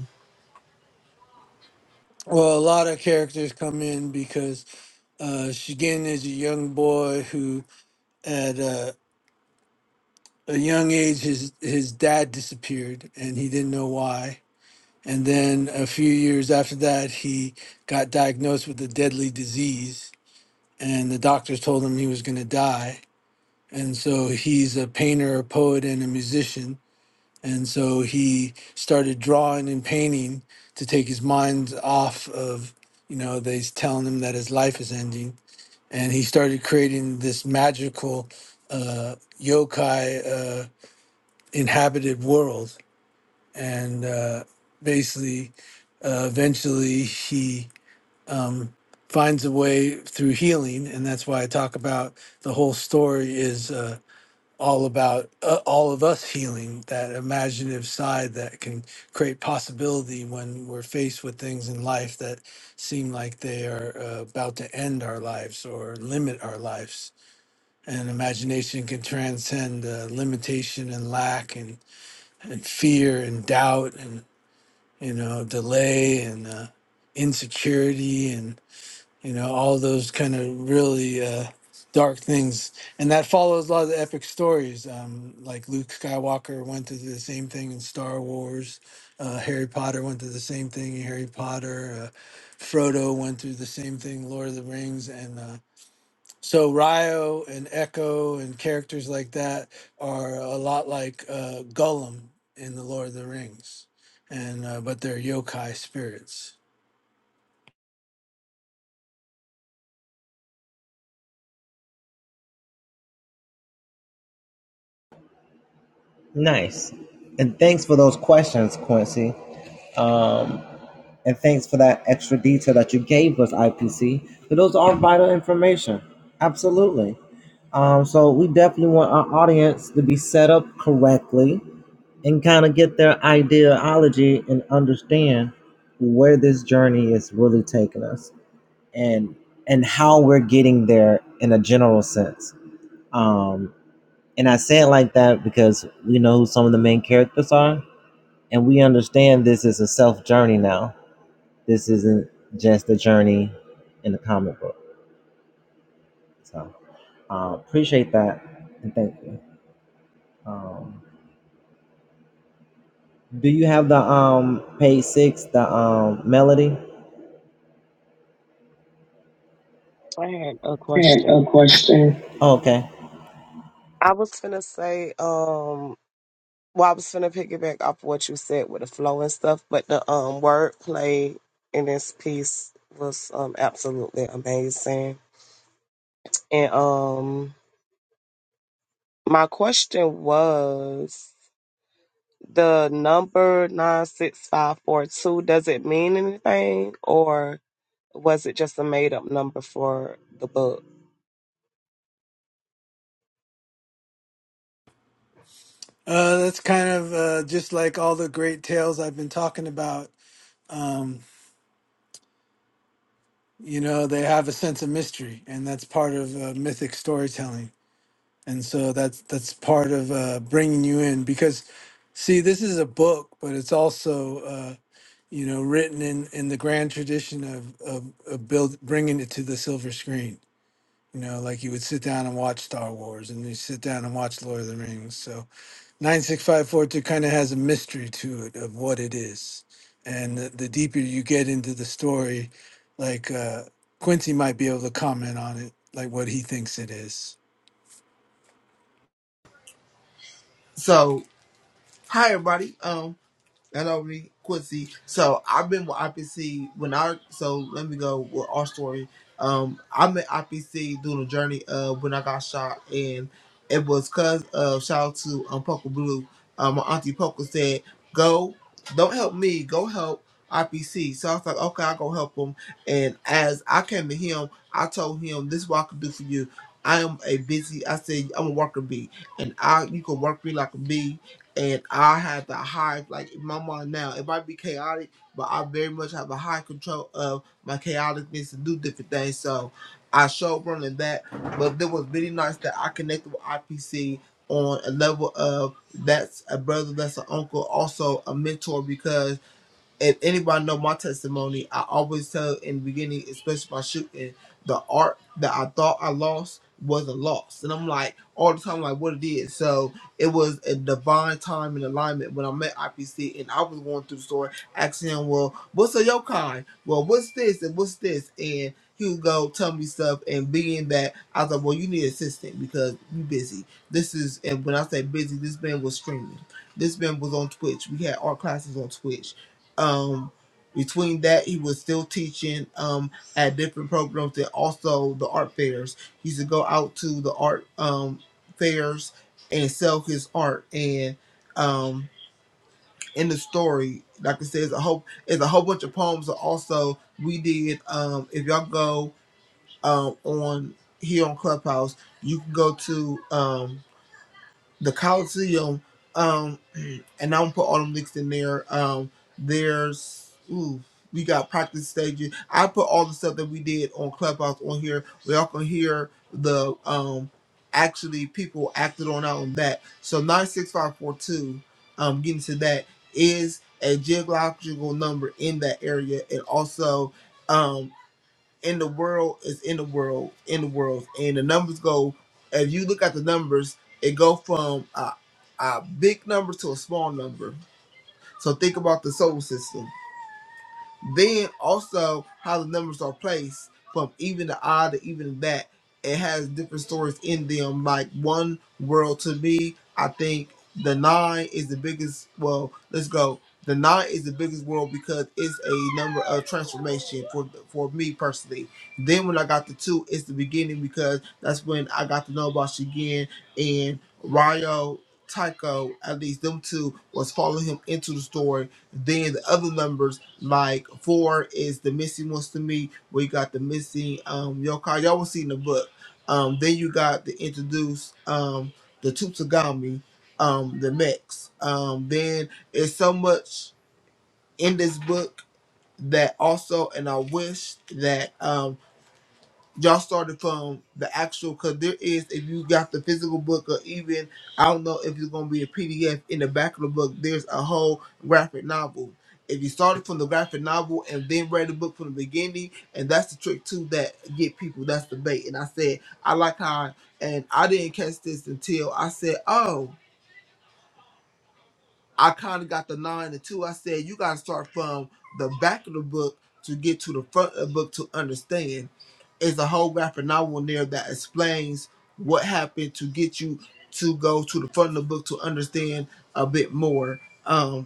[SPEAKER 3] Well, a lot of characters come in because uh, Shigin is a young boy who, at a, a young age, his his dad disappeared and he didn't know why. And then a few years after that, he got diagnosed with a deadly disease, and the doctors told him he was going to die. And so he's a painter, a poet, and a musician. And so he started drawing and painting to take his mind off of, you know, they telling him that his life is ending. And he started creating this magical uh, yokai uh, inhabited world. And uh, basically, uh, eventually, he um, finds a way through healing. And that's why I talk about the whole story is. Uh, all about uh, all of us healing that imaginative side that can create possibility when we're faced with things in life that seem like they are uh, about to end our lives or limit our lives. And imagination can transcend uh, limitation and lack and, and fear and doubt and you know delay and uh, insecurity you know all those kind of really uh, dark things and that follows a lot of the epic stories um, like luke skywalker went through the same thing in star wars uh, harry potter went through the same thing in harry potter uh, frodo went through the same thing lord of the rings and uh, so ryo and echo and characters like that are a lot like uh, gollum in the lord of the rings and uh, but they're yokai spirits
[SPEAKER 1] Nice, and thanks for those questions, Quincy. And thanks for that extra detail that you gave us, IPC. But those are vital information. Absolutely. Um, so we definitely want our audience to be set up correctly and kind of get their ideology and understand where this journey is really taking us and and how we're getting there in a general sense. Um, and I say it like that because we know who some of the main characters are, and we understand this is a self journey now this isn't just a journey in a comic book. So uh, appreciate that and thank you. Um, do you have the um page six, the um melody?
[SPEAKER 2] I had a
[SPEAKER 1] I had a
[SPEAKER 2] question.
[SPEAKER 1] question. Okay.
[SPEAKER 2] I was gonna say, um, Well, I was finna piggyback off what you said with the flow and stuff, but the um wordplay in this piece was um absolutely amazing. And um my question was the number nine six five four two, does it mean anything or was it just a made up number for the book?
[SPEAKER 3] Uh, that's kind of uh, just like all the great tales I've been talking about. Um, you know, they have a sense of mystery, and that's part of uh, mythic storytelling. And so that's that's part of uh, bringing you in because, see, this is a book, but it's also uh, you know written in in the grand tradition of of, of build bringing it to the silver screen. You know, like you would sit down and watch Star Wars, and you sit down and watch Lord of the Rings. So 96542 kind of has a mystery to it of what it is. And the, the deeper you get into the story, like uh, Quincy might be able to comment on it, like what he thinks it is.
[SPEAKER 4] So hi everybody. Um. Hello, Re- Quincy. So I've been with IPC when I so let me go with our story. Um, i met IPC doing a journey uh when I got shot, and it was cause of shout out to um Puckle Blue. Um, my auntie Puckle said, "Go, don't help me, go help IPC." So I was like, "Okay, I will go help him." And as I came to him, I told him, "This is what I can do for you. I am a busy. I said I'm a worker bee, and I you can work me like a bee." and I have the high like my mind now. It might be chaotic, but I very much have a high control of my chaoticness and do different things. So I showed running that, but there was many nights that I connected with IPC on a level of that's a brother, that's an uncle, also a mentor because and anybody know my testimony, I always tell in the beginning, especially by shooting, the art that I thought I lost was a loss. And I'm like, all the time, like, what it is. So it was a divine time and alignment when I met IPC and I was going through the store, asking him, well, what's a your kind? Well, what's this and what's this? And he would go tell me stuff. And being that, I was like, well, you need assistant because you busy. This is, and when I say busy, this man was streaming. This man was on Twitch. We had art classes on Twitch um between that he was still teaching um at different programs and also the art fairs he used to go out to the art um fairs and sell his art and um in the story like i said it's a whole it's a whole bunch of poems that also we did um if y'all go um on here on clubhouse you can go to um the Coliseum, um, and i don't put all them links in there. Um, there's ooh, we got practice stages. I put all the stuff that we did on Clubhouse on here. We all can hear the um actually people acted on out on that. So nine six five four two, um getting to that is a geographical number in that area and also um in the world is in the world in the world and the numbers go if you look at the numbers it go from a, a big number to a small number so think about the solar system then also how the numbers are placed from even to odd to even to that. It has different stories in them. Like one world to me, I think the nine is the biggest. Well, let's go. The nine is the biggest world because it's a number of transformation for for me personally. Then when I got the two, it's the beginning because that's when I got to know about Shigen and Ryo Tycho. At least them two was following him into the story. Then the other numbers like four is the missing ones to me. We got the missing um yokai. Y'all will see in the book. Um, then you got the introduce um the Tutsugami, um the mechs. Um, then it's so much in this book that also, and I wish that um y'all started from the actual because there is if you got the physical book or even I don't know if it's gonna be a PDF in the back of the book there's a whole graphic novel. If you started from the graphic novel and then read the book from the beginning, and that's the trick too that get people. That's the bait. And I said I like how, and I didn't catch this until I said, oh. I kind of got the nine and two. I said you got to start from the back of the book to get to the front of the book to understand. It's a whole graphic novel in there that explains what happened to get you to go to the front of the book to understand a bit more. Um,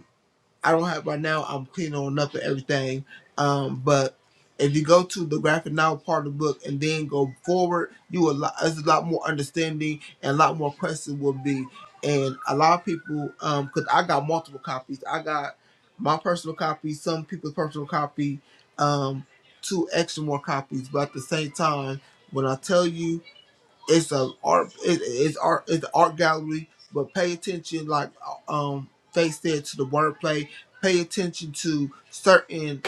[SPEAKER 4] I don't have right now. I'm cleaning on up and everything. Um, but if you go to the graphic novel part of the book and then go forward, you will lot there's a lot more understanding and a lot more questions will be. And a lot of people, um, cause I got multiple copies. I got my personal copy, some people's personal copy, um, two extra more copies. But at the same time, when I tell you it's a art it, it's art it's an art gallery but pay attention like um face said to the wordplay pay attention to certain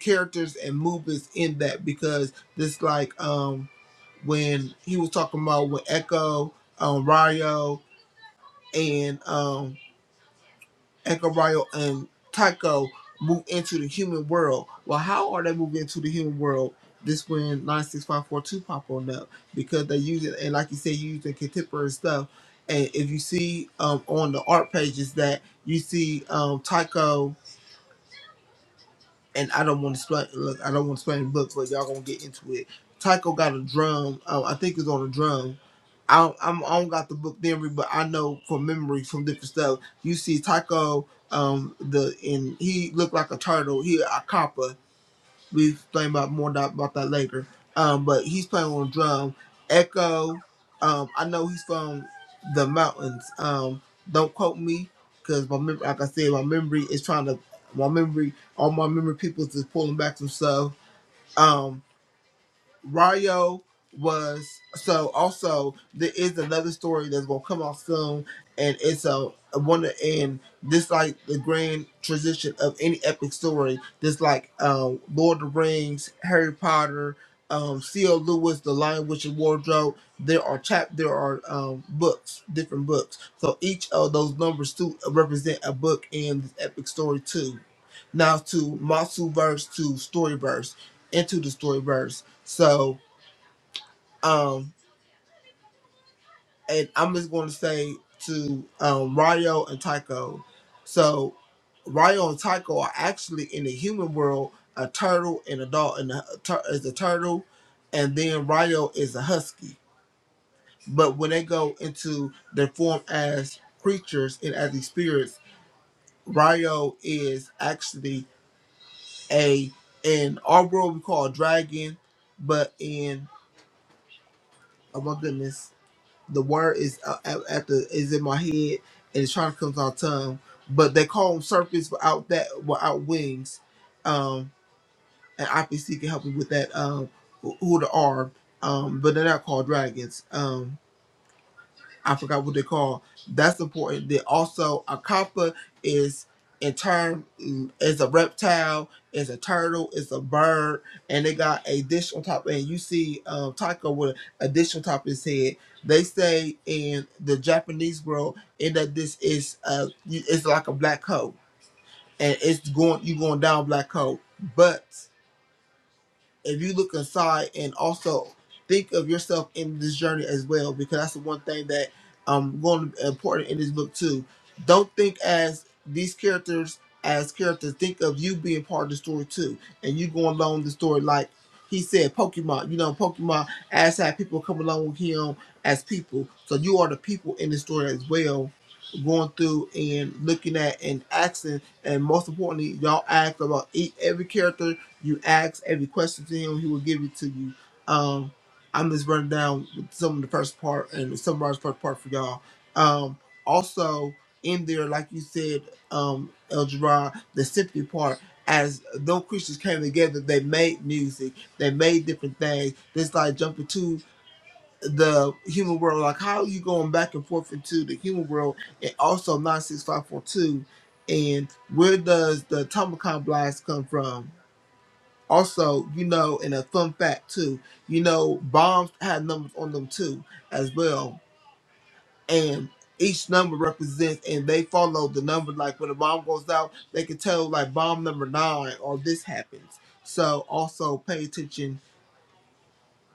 [SPEAKER 4] characters and movements in that because this like um when he was talking about with echo um Ryo and um, Echariah and Tycho move into the human world. Well, how are they moving into the human world? This when 96542 pop on up because they use it, and like you said, you using contemporary stuff. And if you see um, on the art pages that you see um, Tycho and I don't want to explain. Look, I don't want to explain the book, but y'all gonna get into it. Tycho got a drum. Um, I think it's on a drum. I don't, I'm, I don't got the book memory, but I know from memory from different stuff. You see Tycho, um, the and he looked like a turtle. He a copper we explain about more about, about that later. Um, but he's playing on drum. Echo, um, I know he's from the mountains. Um, don't quote me because my mem- like I said, my memory is trying to my memory all my memory people is just pulling back some stuff. Um, Ryo was so also there is another story that's gonna come out soon and it's a, a one of- and this like the grand transition of any epic story. This like um Lord of the Rings, Harry Potter, um C.L. Lewis, The Lion Witch and Wardrobe. There are chap there are um books, different books. So each of those numbers too represent a book in this epic story too. Now to Masu verse to story verse, into the story verse. So, um, and I'm just going to say to um, Ryo and Tycho. So, Ryo and Tycho are actually in the human world a turtle and a dog, and a tur- is a turtle, and then Ryo is a husky. But when they go into their form as creatures and as these spirits, Ryo is actually a in our world we call a dragon, but in oh my goodness the word is uh, at, at the is in my head and it's trying to come to my tongue. But they call them serpents without that without wings. Um, and IPC can help me with that. Um, who who the are. Um, but they're not called dragons. Um, I forgot what they call. That's important. Then also a copper is in turn mm, is a reptile, is a turtle, is a bird, and they got a dish on top. And you see um, Taiko with a dish on top of his head. They say in the Japanese world, in that this is uh, you- it's like a black hole, and it's going you going down black hole, but if you look inside and also think of yourself in this journey as well, because that's the one thing that um going to be important in this book too. Don't think as these characters as characters. Think of you being part of the story too, and you going along the story like he said, Pokemon. You know, Pokemon as had people come along with him as people. So you are the people in the story as well. Going through and looking at and asking, and most importantly, y'all ask about each, every character you ask every question to him, he will give it to you. Um, I'm just running down with some of the first part and summarize first part for y'all. Um, also in there, like you said, um, El Gerard, the symphony part, as those Christians came together, they made music, they made different things. This like jumping to the human world, like how are you going back and forth into the human world and also nine six five four two and where does the Tomicon blast come from? Also, you know, and a fun fact too, you know, bombs had numbers on them too, as well. And each number represents, and they follow the number. Like when a bomb goes out, they can tell like bomb number nine or this happens. So also pay attention.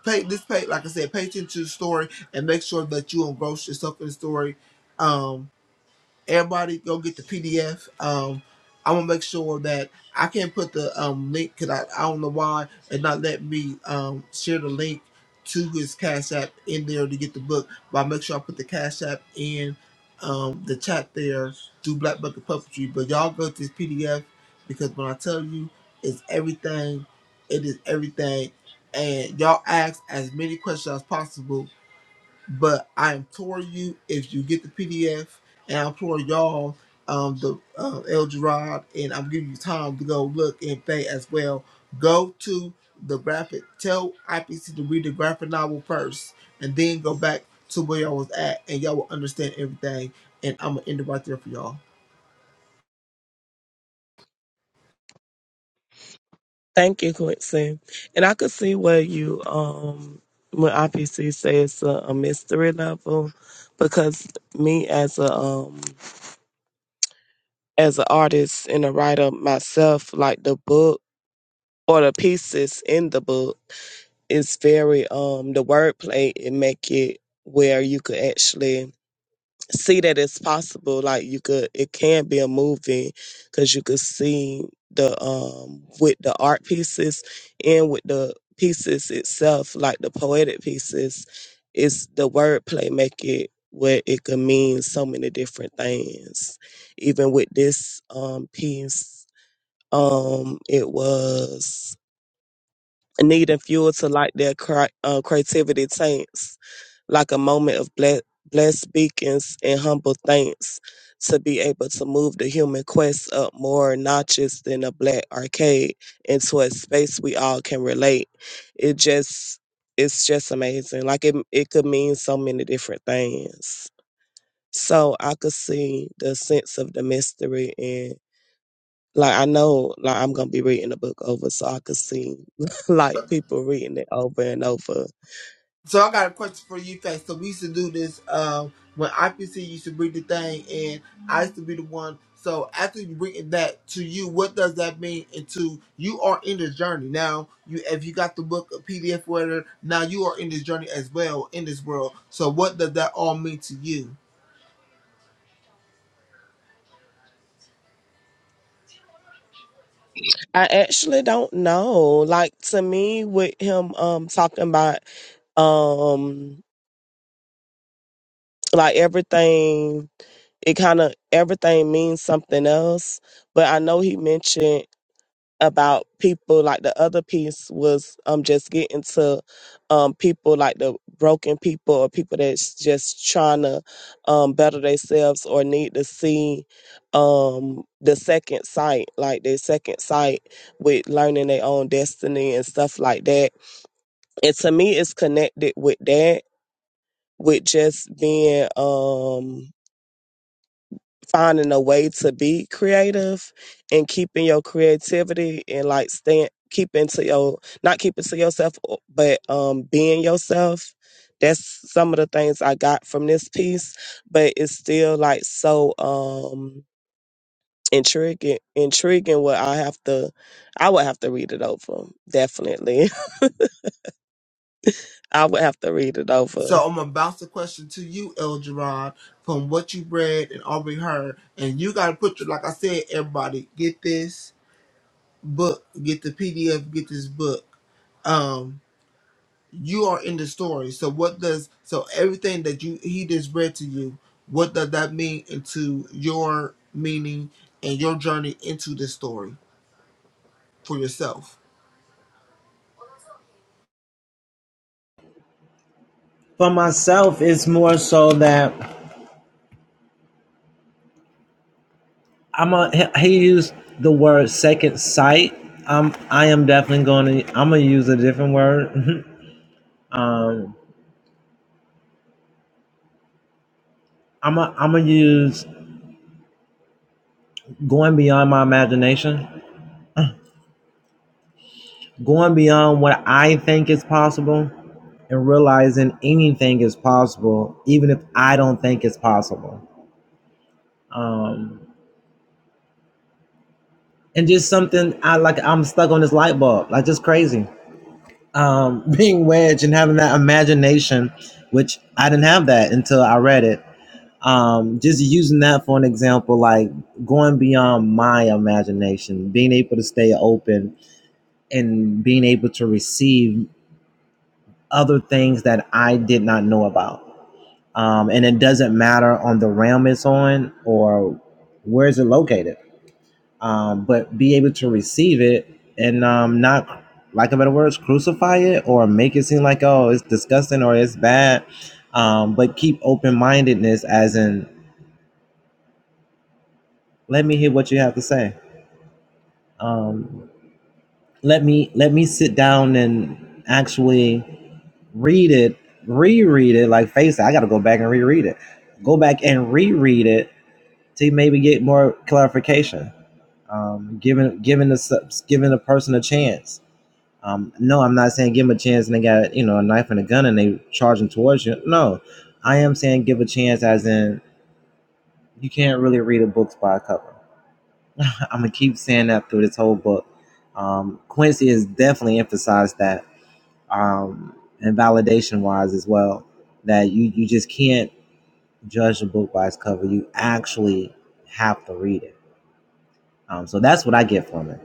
[SPEAKER 4] Pay this pay, like I said, pay attention to the story and make sure that you engross yourself in the story. Um, everybody go get the PDF. Um, I'm gonna make sure that I can't put the um link because I, I don't know why and not let me um share the link to his Cash App in there to get the book. But I will make sure I put the Cash App in um the chat there through Black Bucket Puppetry. But y'all go to this PDF because when I tell you it's everything, it is everything. And y'all ask as many questions as possible but I implore you, if you get the PDF, and I implore y'all, um, the uh, El Gerard, and I'm giving you time to go look and pay as well. Go to the graphic. Tell IPC to read the graphic novel first, and then go back to where y'all was at, and y'all will understand everything. And I'm gonna end it right there for y'all.
[SPEAKER 2] Thank you, Quincy. And I could see where you, um, when IPC says a, a mystery level, because me as a um as an artist and a writer myself, like the book or the pieces in the book is very um the wordplay it make it where you could actually see that it's possible like you could it can be a movie because you could see the um with the art pieces and with the pieces itself like the poetic pieces it's the wordplay make it where it could mean so many different things even with this um piece um it was needing fuel to light their cri- uh, creativity tanks like a moment of ble- blessed speakings and humble thanks to be able to move the human quest up more notches than a black arcade into a space we all can relate. It just it's just amazing. Like it it could mean so many different things. So I could see the sense of the mystery and like I know like I'm gonna be reading the book over so I could see like people reading it over and over
[SPEAKER 4] So I got a question for you, Faith. So we used to do this um, when IPC used to bring the thing, and I used to be the one. So after you bring that to you, what does that mean? Into you are in the journey now. You if you got the book, a PDF, whatever. Now you are in this journey as well in this world. So what does that all mean to you?
[SPEAKER 2] I actually don't know. Like to me with him um talking about um like everything it kind of everything means something else but i know he mentioned about people like the other piece was um just getting to um people like the broken people or people that's just trying to um better themselves or need to see um the second sight like their second sight with learning their own destiny and stuff like that and to me it's connected with that with just being um finding a way to be creative and keeping your creativity and like staying keeping to your not keeping to yourself but um being yourself that's some of the things i got from this piece but it's still like so um intriguing intriguing what i have to i would have to read it over definitely I would have to read it
[SPEAKER 4] So
[SPEAKER 2] over.
[SPEAKER 4] I'm gonna bounce the question to you, El Gerard, from what you read and already heard, and you got to put your like I said, everybody get this book, get the PDF, get this book. Um, you are in the story. So what does so everything that you he just read to you, what does that mean into your meaning and your journey into this story for yourself?
[SPEAKER 1] For myself, it's more so that I'm a. He used the word second sight. Um, I am definitely going to. I'm gonna use a different word. um, I'm a, I'm gonna use going beyond my imagination, going beyond what I think is possible. and realizing anything is possible, even if I don't think it's possible. Um, and just something I like. I'm stuck on this light bulb, like just crazy. Um, being wedged and having that imagination, which I didn't have that until I read it. Um, just using that for an example, like going beyond my imagination, being able to stay open and being able to receive other things that I did not know about. um, and it doesn't matter on the realm it's on or where is it located um, but be able to receive it and um, not lack of better words crucify it or make it seem like oh it's disgusting or it's bad um, but keep open-mindedness as in let me hear what you have to say um, let me let me sit down and actually read it reread it like face it, i gotta go back and reread it go back and reread it to maybe get more clarification. Um, giving giving the giving a person a chance. Um, no, I'm not saying give them a chance and they got you know a knife and a gun and they charging towards you. No, I am saying give a chance as in you can't really read a book by a cover. I'm gonna keep saying that through this whole book. Um, Quincy has definitely emphasized that, um, and validation wise as well, that you you just can't judge a book by its cover. You actually have to read it Um, so that's what I get from it.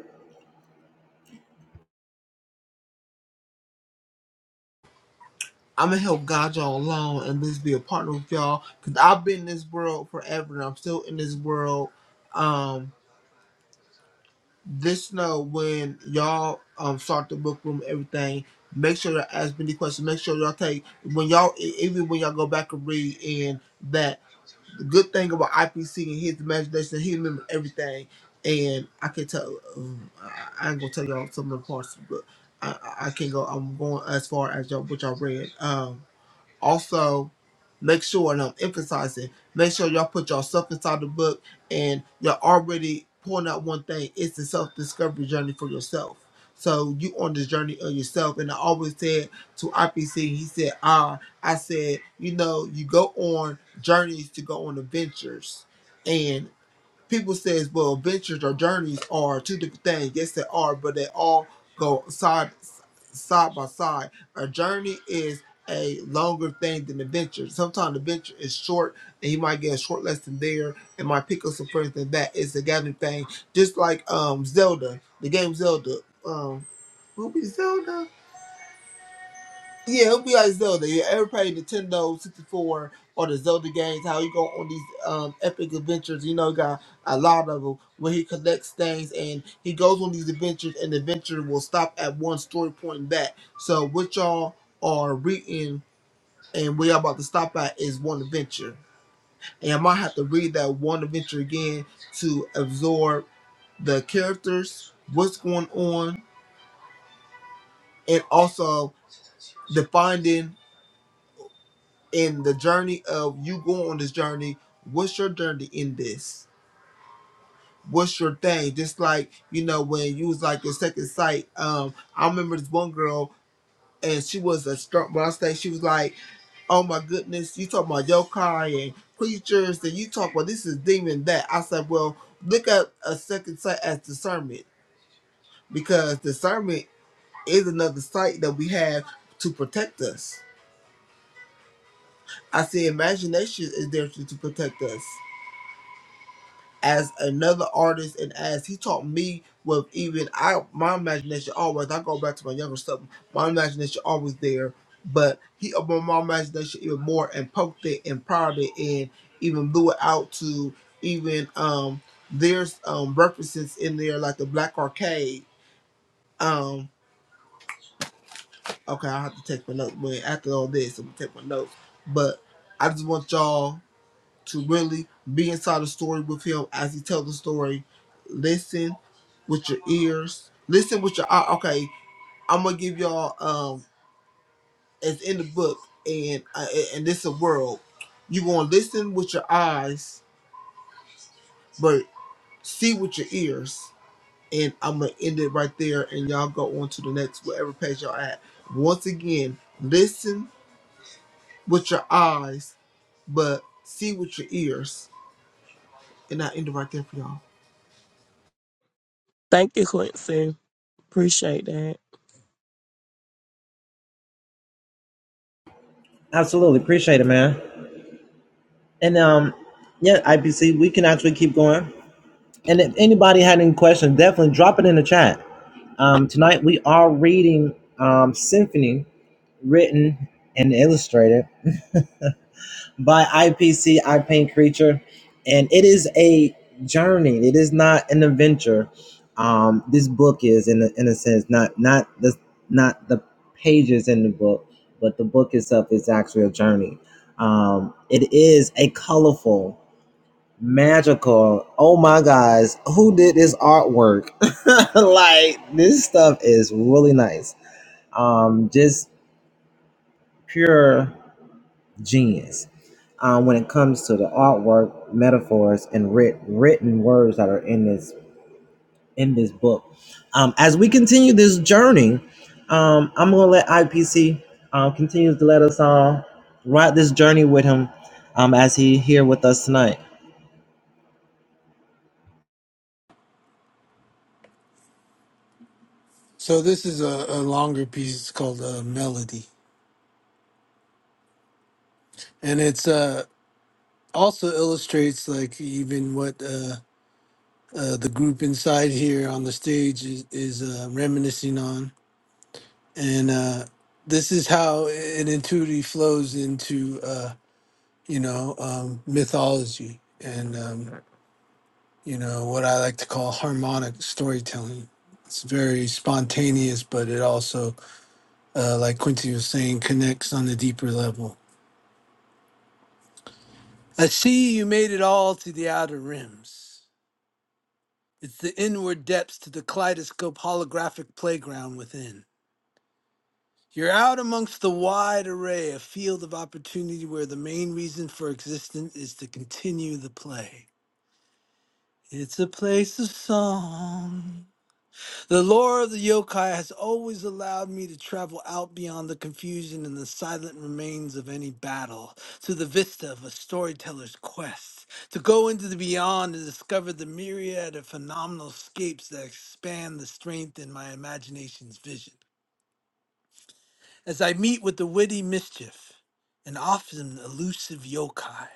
[SPEAKER 4] I'm gonna help guide y'all along and just be a partner with y'all because I've been in this world forever and I'm still in this world. Um, this know when y'all um start the book room, everything. Make sure to ask many questions. Make sure y'all take when y'all e- even when y'all go back and read in that. The good thing about IPC and his imagination, he remembered everything. And I can tell, um, I, I ain't gonna tell y'all some of the parts, but I, I I can't go. I'm going as far as y'all what y'all read. Um, also, make sure, and I'm emphasizing, make sure y'all put yourself inside the book and you're already pulling out one thing. It's the self discovery journey for yourself. So you on this journey of yourself. And I always said to IPC, he said, ah, I said, you know, you go on journeys to go on adventures. and people says, well, ventures or journeys are two different things. Yes, they are, but they all go side side by side. A journey is a longer thing than a venture. Sometimes the venture is short, and you might get a short lesson there, and might pick up some friends and that. It's a gathering thing, just like um Zelda, the game Zelda. Um, will it be Zelda? Yeah, it'll be like Zelda. Yeah, ever played Nintendo 64 or the Zelda games, how you go on these um, epic adventures, you know, you got a lot of them, where he collects things and he goes on these adventures and the adventure will stop at one story point and back. So what y'all are reading and where y'all about to stop at is one adventure. And I might have to read that one adventure again to absorb the characters, what's going on, and also the finding. in the journey of you going on this journey, what's your journey in this? What's your thing? Just like, you know, when you was like your second sight, um, I remember this one girl and she was a strong when I say she was like, Oh my goodness, you talk about yokai and creatures and you talk about this is demon that I said, Well, look at a second sight as discernment because discernment is another sight that we have to protect us. I said imagination is there to to protect us. as another artist and as he taught me with even I my imagination always I go back to my younger stuff, my imagination always there. But he opened my imagination even more and poked it and prodded it and even blew it out to even um there's um references in there like the black arcade. Um okay I have to take my notes when after all this I'm gonna take my notes. But I just want y'all to really be inside the story with him as he tells the story. Listen with your ears. Listen with your eye. Okay, I'm gonna give y'all. Um, it's in the book, and uh, and this a world. You gonna listen with your eyes, but see with your ears. And I'm gonna end it right there, and y'all go on to the next whatever page y'all at. Once again, listen with your eyes, but see with your ears. And I end it right there for y'all.
[SPEAKER 2] Thank you, Quincy. Appreciate that.
[SPEAKER 1] Absolutely appreciate it, man. And um, yeah, IPC, we can actually keep going. And if anybody had any questions, definitely drop it in the chat. Um, tonight we are reading um, Symphony, written and illustrated by IPC, I Paint Creature, and it is a journey. It is not an adventure. Um, this book is, in a, in a sense, not not the not the pages in the book, but the book itself is actually a journey. Um, it is a colorful, magical. Oh my guys, who did this artwork? like this stuff is really nice. Um, just pure genius um, when it comes to the artwork, metaphors, and writ- written words that are in this in this book. Um, as we continue this journey, um, I'm gonna let IPC um, continues to let us all ride this journey with him um, as he here with us tonight.
[SPEAKER 3] So this is a, a longer piece it's called uh, Melody. And it's uh, also illustrates like even what uh, uh, the group inside here on the stage is, is uh, reminiscing on. And uh, this is how an intuitively flows into. uh, you know, um, mythology and, um, you know, what I like to call harmonic storytelling. It's very spontaneous, but it also, uh, like Quincy was saying, connects on the deeper level. I see you made it all to the outer rims. It's the inward depths to the kaleidoscope holographic playground within. You're out amongst the wide array, a field of opportunity where the main reason for existence is to continue the play. It's a place of song. The lore of the yokai has always allowed me to travel out beyond the confusion and the silent remains of any battle to the vista of a storyteller's quest, to go into the beyond and discover the myriad of phenomenal scapes that expand the strength in my imagination's vision. As I meet with the witty mischief and often elusive yokai,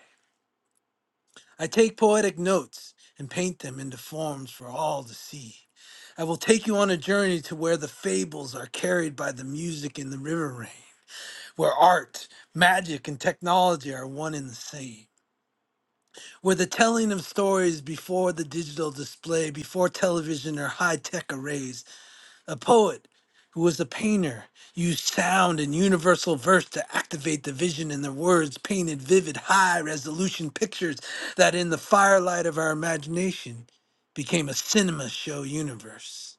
[SPEAKER 3] I take poetic notes and paint them into forms for all to see. I will take you on a journey to where the fables are carried by the music in the river rain, where art, magic, and technology are one and the same, where the telling of stories before the digital display, before television or high tech arrays, a poet who was a painter, used sound and universal verse to activate the vision and the words, painted vivid, high resolution pictures that, in the firelight of our imagination, became a cinema show universe.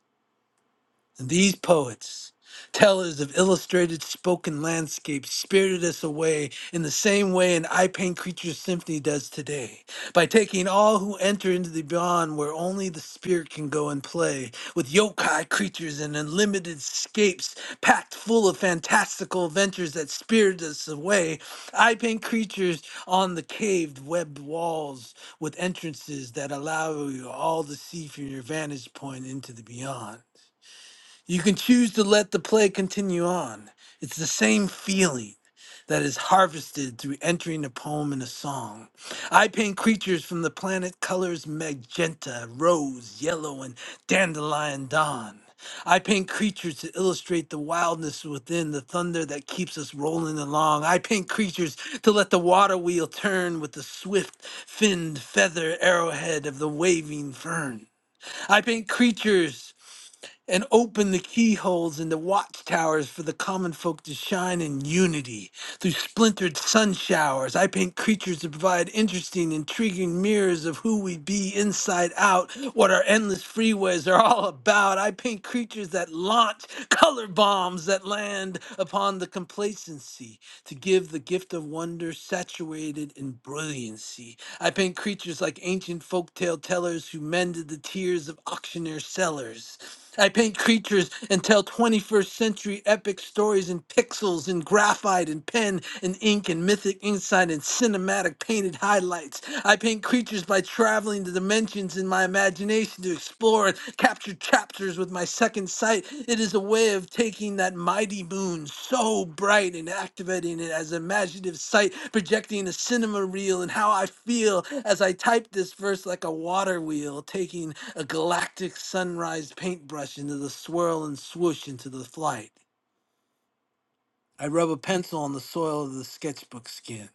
[SPEAKER 3] And These poets, tellers of illustrated spoken landscapes, spirited us away in the same way an I Paint Creatures symphony does today, by taking all who enter into the beyond where only the spirit can go and play, with yokai creatures and unlimited escapes packed full of fantastical adventures that spirit us away. I Paint Creatures on the caved, webbed walls with entrances that allow you all to see from your vantage point into the beyond. You can choose to let the play continue on. It's the same feeling that is harvested through entering a poem and a song. I paint creatures from the planet colors magenta, rose, yellow, and dandelion dawn. I paint creatures to illustrate the wildness within, the thunder that keeps us rolling along. I paint creatures to let the water wheel turn with the swift finned feather arrowhead of the waving fern. I paint creatures and open the keyholes and the watchtowers for the common folk to shine in unity. Through splintered sun showers, I paint creatures to provide interesting, intriguing mirrors of who we be inside out, what our endless freeways are all about. I paint creatures that launch color bombs that land upon the complacency to give the gift of wonder saturated in brilliancy. I paint creatures like ancient folktale tellers who mended the tears of auctioneer sellers. I paint creatures and tell 21st century epic stories in pixels and graphite and pen and ink and mythic insight and cinematic painted highlights. I paint creatures by traveling the dimensions in my imagination to explore and capture chapters with my second sight. It is a way of taking that mighty moon so bright and activating it as an imaginative sight, projecting a cinema reel and how I feel as I type this verse like a water wheel, taking a galactic sunrise paintbrush into the swirl and swoosh into the flight. I rub a pencil on the soil of the sketchbook skin.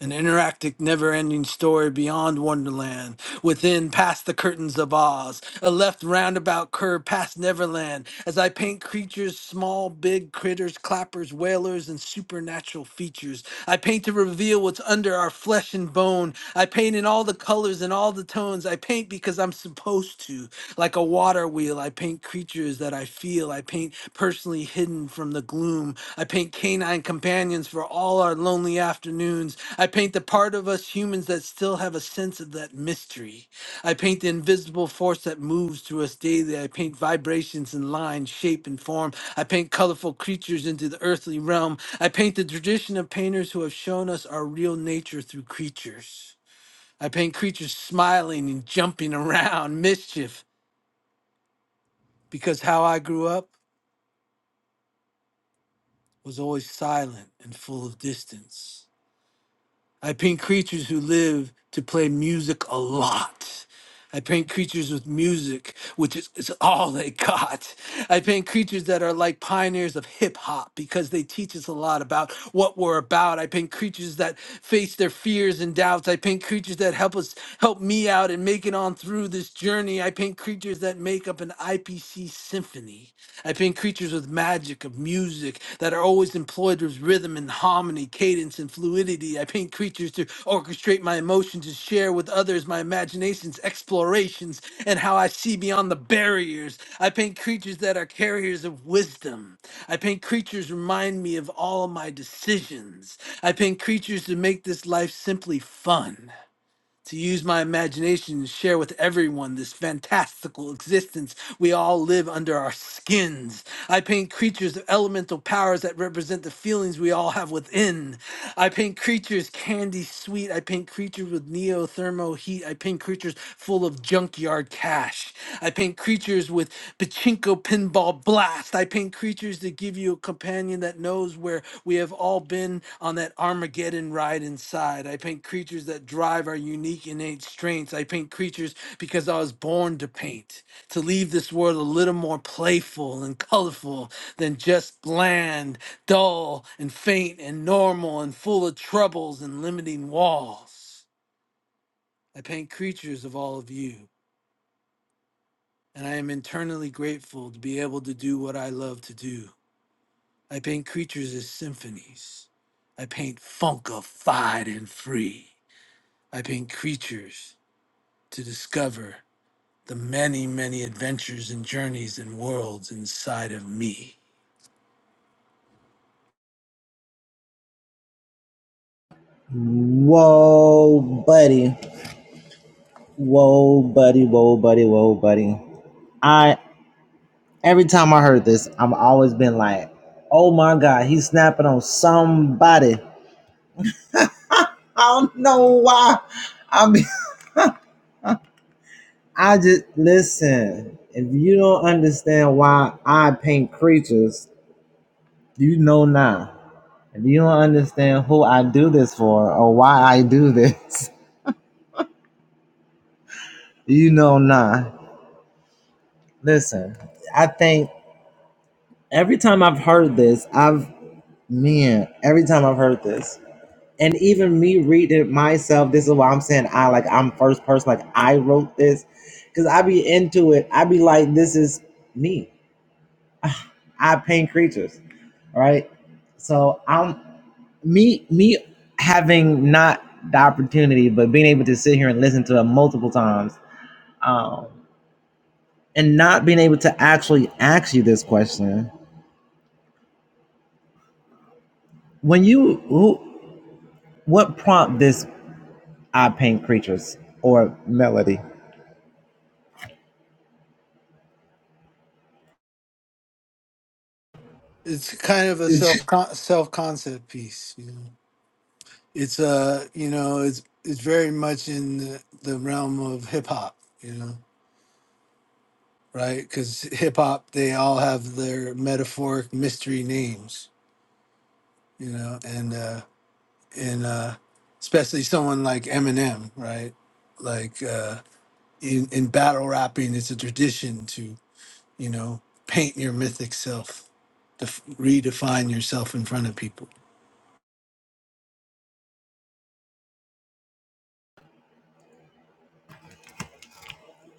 [SPEAKER 3] An interactive, never ending story beyond Wonderland, within past the curtains of Oz, a left roundabout curve past Neverland, as I paint creatures, small, big critters, clappers, whalers, and supernatural features. I paint to reveal what's under our flesh and bone. I I paint in all the colors and all the tones. I paint because I'm supposed to. Like a water wheel, I paint creatures that I feel. I paint personally hidden from the gloom. I paint canine companions for all our lonely afternoons. I paint the part of us humans that still have a sense of that mystery. I paint the invisible force that moves through us daily. I paint vibrations in line, shape, and form. I paint colorful creatures into the earthly realm. I paint the tradition of painters who have shown us our real nature through creatures. I paint creatures smiling and jumping around mischief because how I grew up was always silent and full of distance. I paint creatures who live to play music a lot. I paint creatures with music, which is, is all they got. I paint creatures that are like pioneers of hip hop because they teach us a lot about what we're about. I paint creatures that face their fears and doubts. I paint creatures that help us help me out and make it on through this journey. I paint creatures that make up an IPC symphony. I paint creatures with magic of music that are always employed with rhythm and harmony, cadence and fluidity. I paint creatures to orchestrate my emotions, to share with others my imaginations, explorations, and how I see beyond the barriers. I paint creatures that are carriers of wisdom. I paint creatures remind me of all my decisions. I paint creatures to make this life simply fun to use my imagination and share with everyone this fantastical existence we all live under our skins. I paint creatures of elemental powers that represent the feelings we all have within. I paint creatures candy sweet. I paint creatures with neothermo heat. I paint creatures full of of junkyard cash. I paint creatures with pachinko pinball blast. I paint creatures that give you a companion that knows where we have all been on that Armageddon ride inside. I paint creatures that drive our unique innate strengths. I paint creatures because I was born to paint, to leave this world a little more playful and colorful than just bland, dull, and faint and normal and full of troubles and limiting walls. I paint creatures of all of you and I am internally grateful to be able to do what I love to do. I paint creatures as symphonies. I paint funkified and free. I paint creatures to discover the many, many adventures and journeys and worlds inside of me.
[SPEAKER 1] Whoa, buddy! Whoa, buddy! Whoa, buddy! Whoa, buddy! I every time I heard this, I'm always been like, "Oh my God, he's snapping on somebody." I don't know why. I mean, I just listen. If you don't understand why I paint creatures, you know now. If you don't understand who I do this for or why I do this, you know now. Listen, I think every time I've heard this, I've man, every time I've heard this, and even me reading it myself, this is why I'm saying I like I'm first person, like I wrote this, because I be into it. I be like, this is me I paint creatures, right? So I'm me me having not the opportunity, but being able to sit here and listen to it multiple times, um, and not being able to actually ask you this question. When you who what prompt this I paint creatures or melody?
[SPEAKER 3] It's kind of a self self concept piece. You know? It's uh, you know, it's it's very much in the, the realm of hip hop. You know right? Because hip hop, they all have their metaphoric mystery names, you know, and uh, and uh, especially someone like Eminem, right? Like uh, in in battle rapping, it's a tradition to you know paint your mythic self, def- redefine yourself in front of people.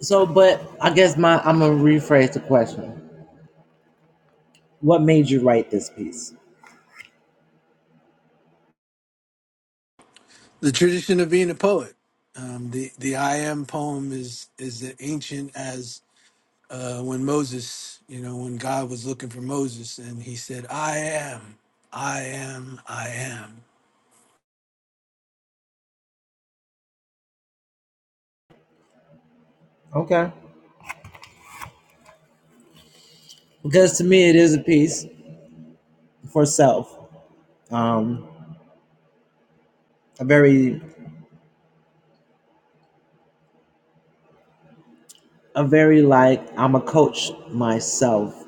[SPEAKER 1] So, but I guess my I'm gonna rephrase the question. What made you write this piece?
[SPEAKER 3] The tradition of being a poet. Um, the the I am poem is is as ancient as uh, when Moses, you know, when God was looking for Moses and he said, I am, I am, I am.
[SPEAKER 1] Okay, because to me it is a piece for self. Um, a very a very like I'm a coach myself,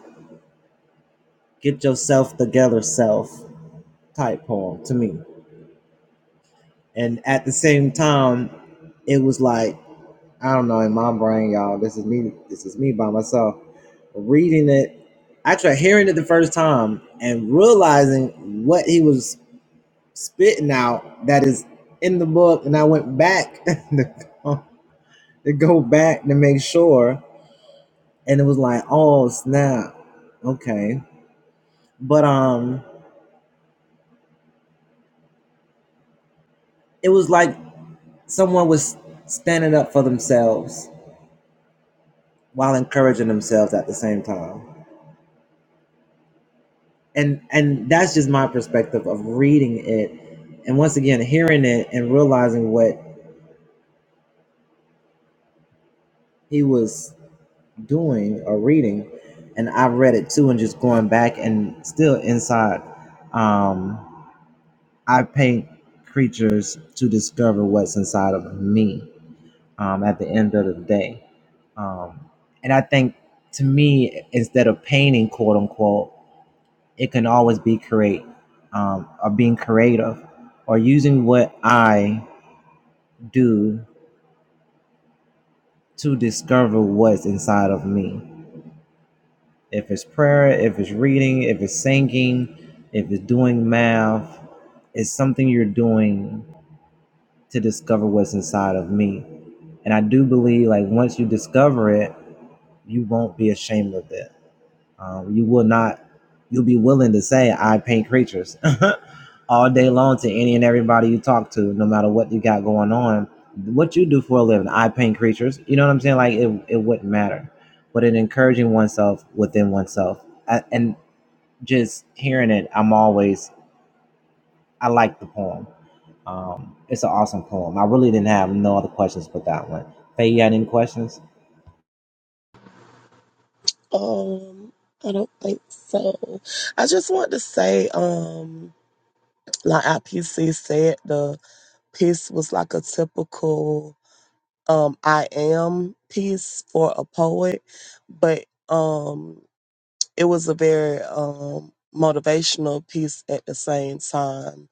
[SPEAKER 1] get yourself together self type poem to me. And at the same time, it was like I don't know in my brain, y'all. This is me. This is me by myself reading it. Actually, hearing it the first time and realizing what he was spitting out that is in the book, and I went back to go to go back to make sure, and it was like, oh snap, okay. But um, It was like someone was standing up for themselves while encouraging themselves at the same time. And and that's just my perspective of reading it and once again hearing it and realizing what he was doing or reading. And I read it too and just going back and still inside. Um, I paint creatures to discover what's inside of me um, at the end of the day. Um, and I think to me, instead of painting, quote unquote, it can always be create um, or being creative or using what I do to discover what's inside of me. If it's prayer, if it's reading, if it's singing, if it's doing math, it's something you're doing to discover what's inside of me. And I do believe, like, once you discover it, you won't be ashamed of it Um, you will not, you'll be willing to say, I paint creatures all day long to any and everybody you talk to, no matter what you got going on. What you do for a living, I paint creatures. You know what I'm saying? Like it, it wouldn't matter. But in encouraging oneself within oneself, I, and just hearing it, I'm always, I like the poem. Um, it's an awesome poem. I really didn't have no other questions but that one. Faye, you had any questions?
[SPEAKER 2] Um, I don't think so. I just want to say, um, like IPC said, the piece was like a typical. um I am piece for a poet, but um it was a very um motivational piece at the same time.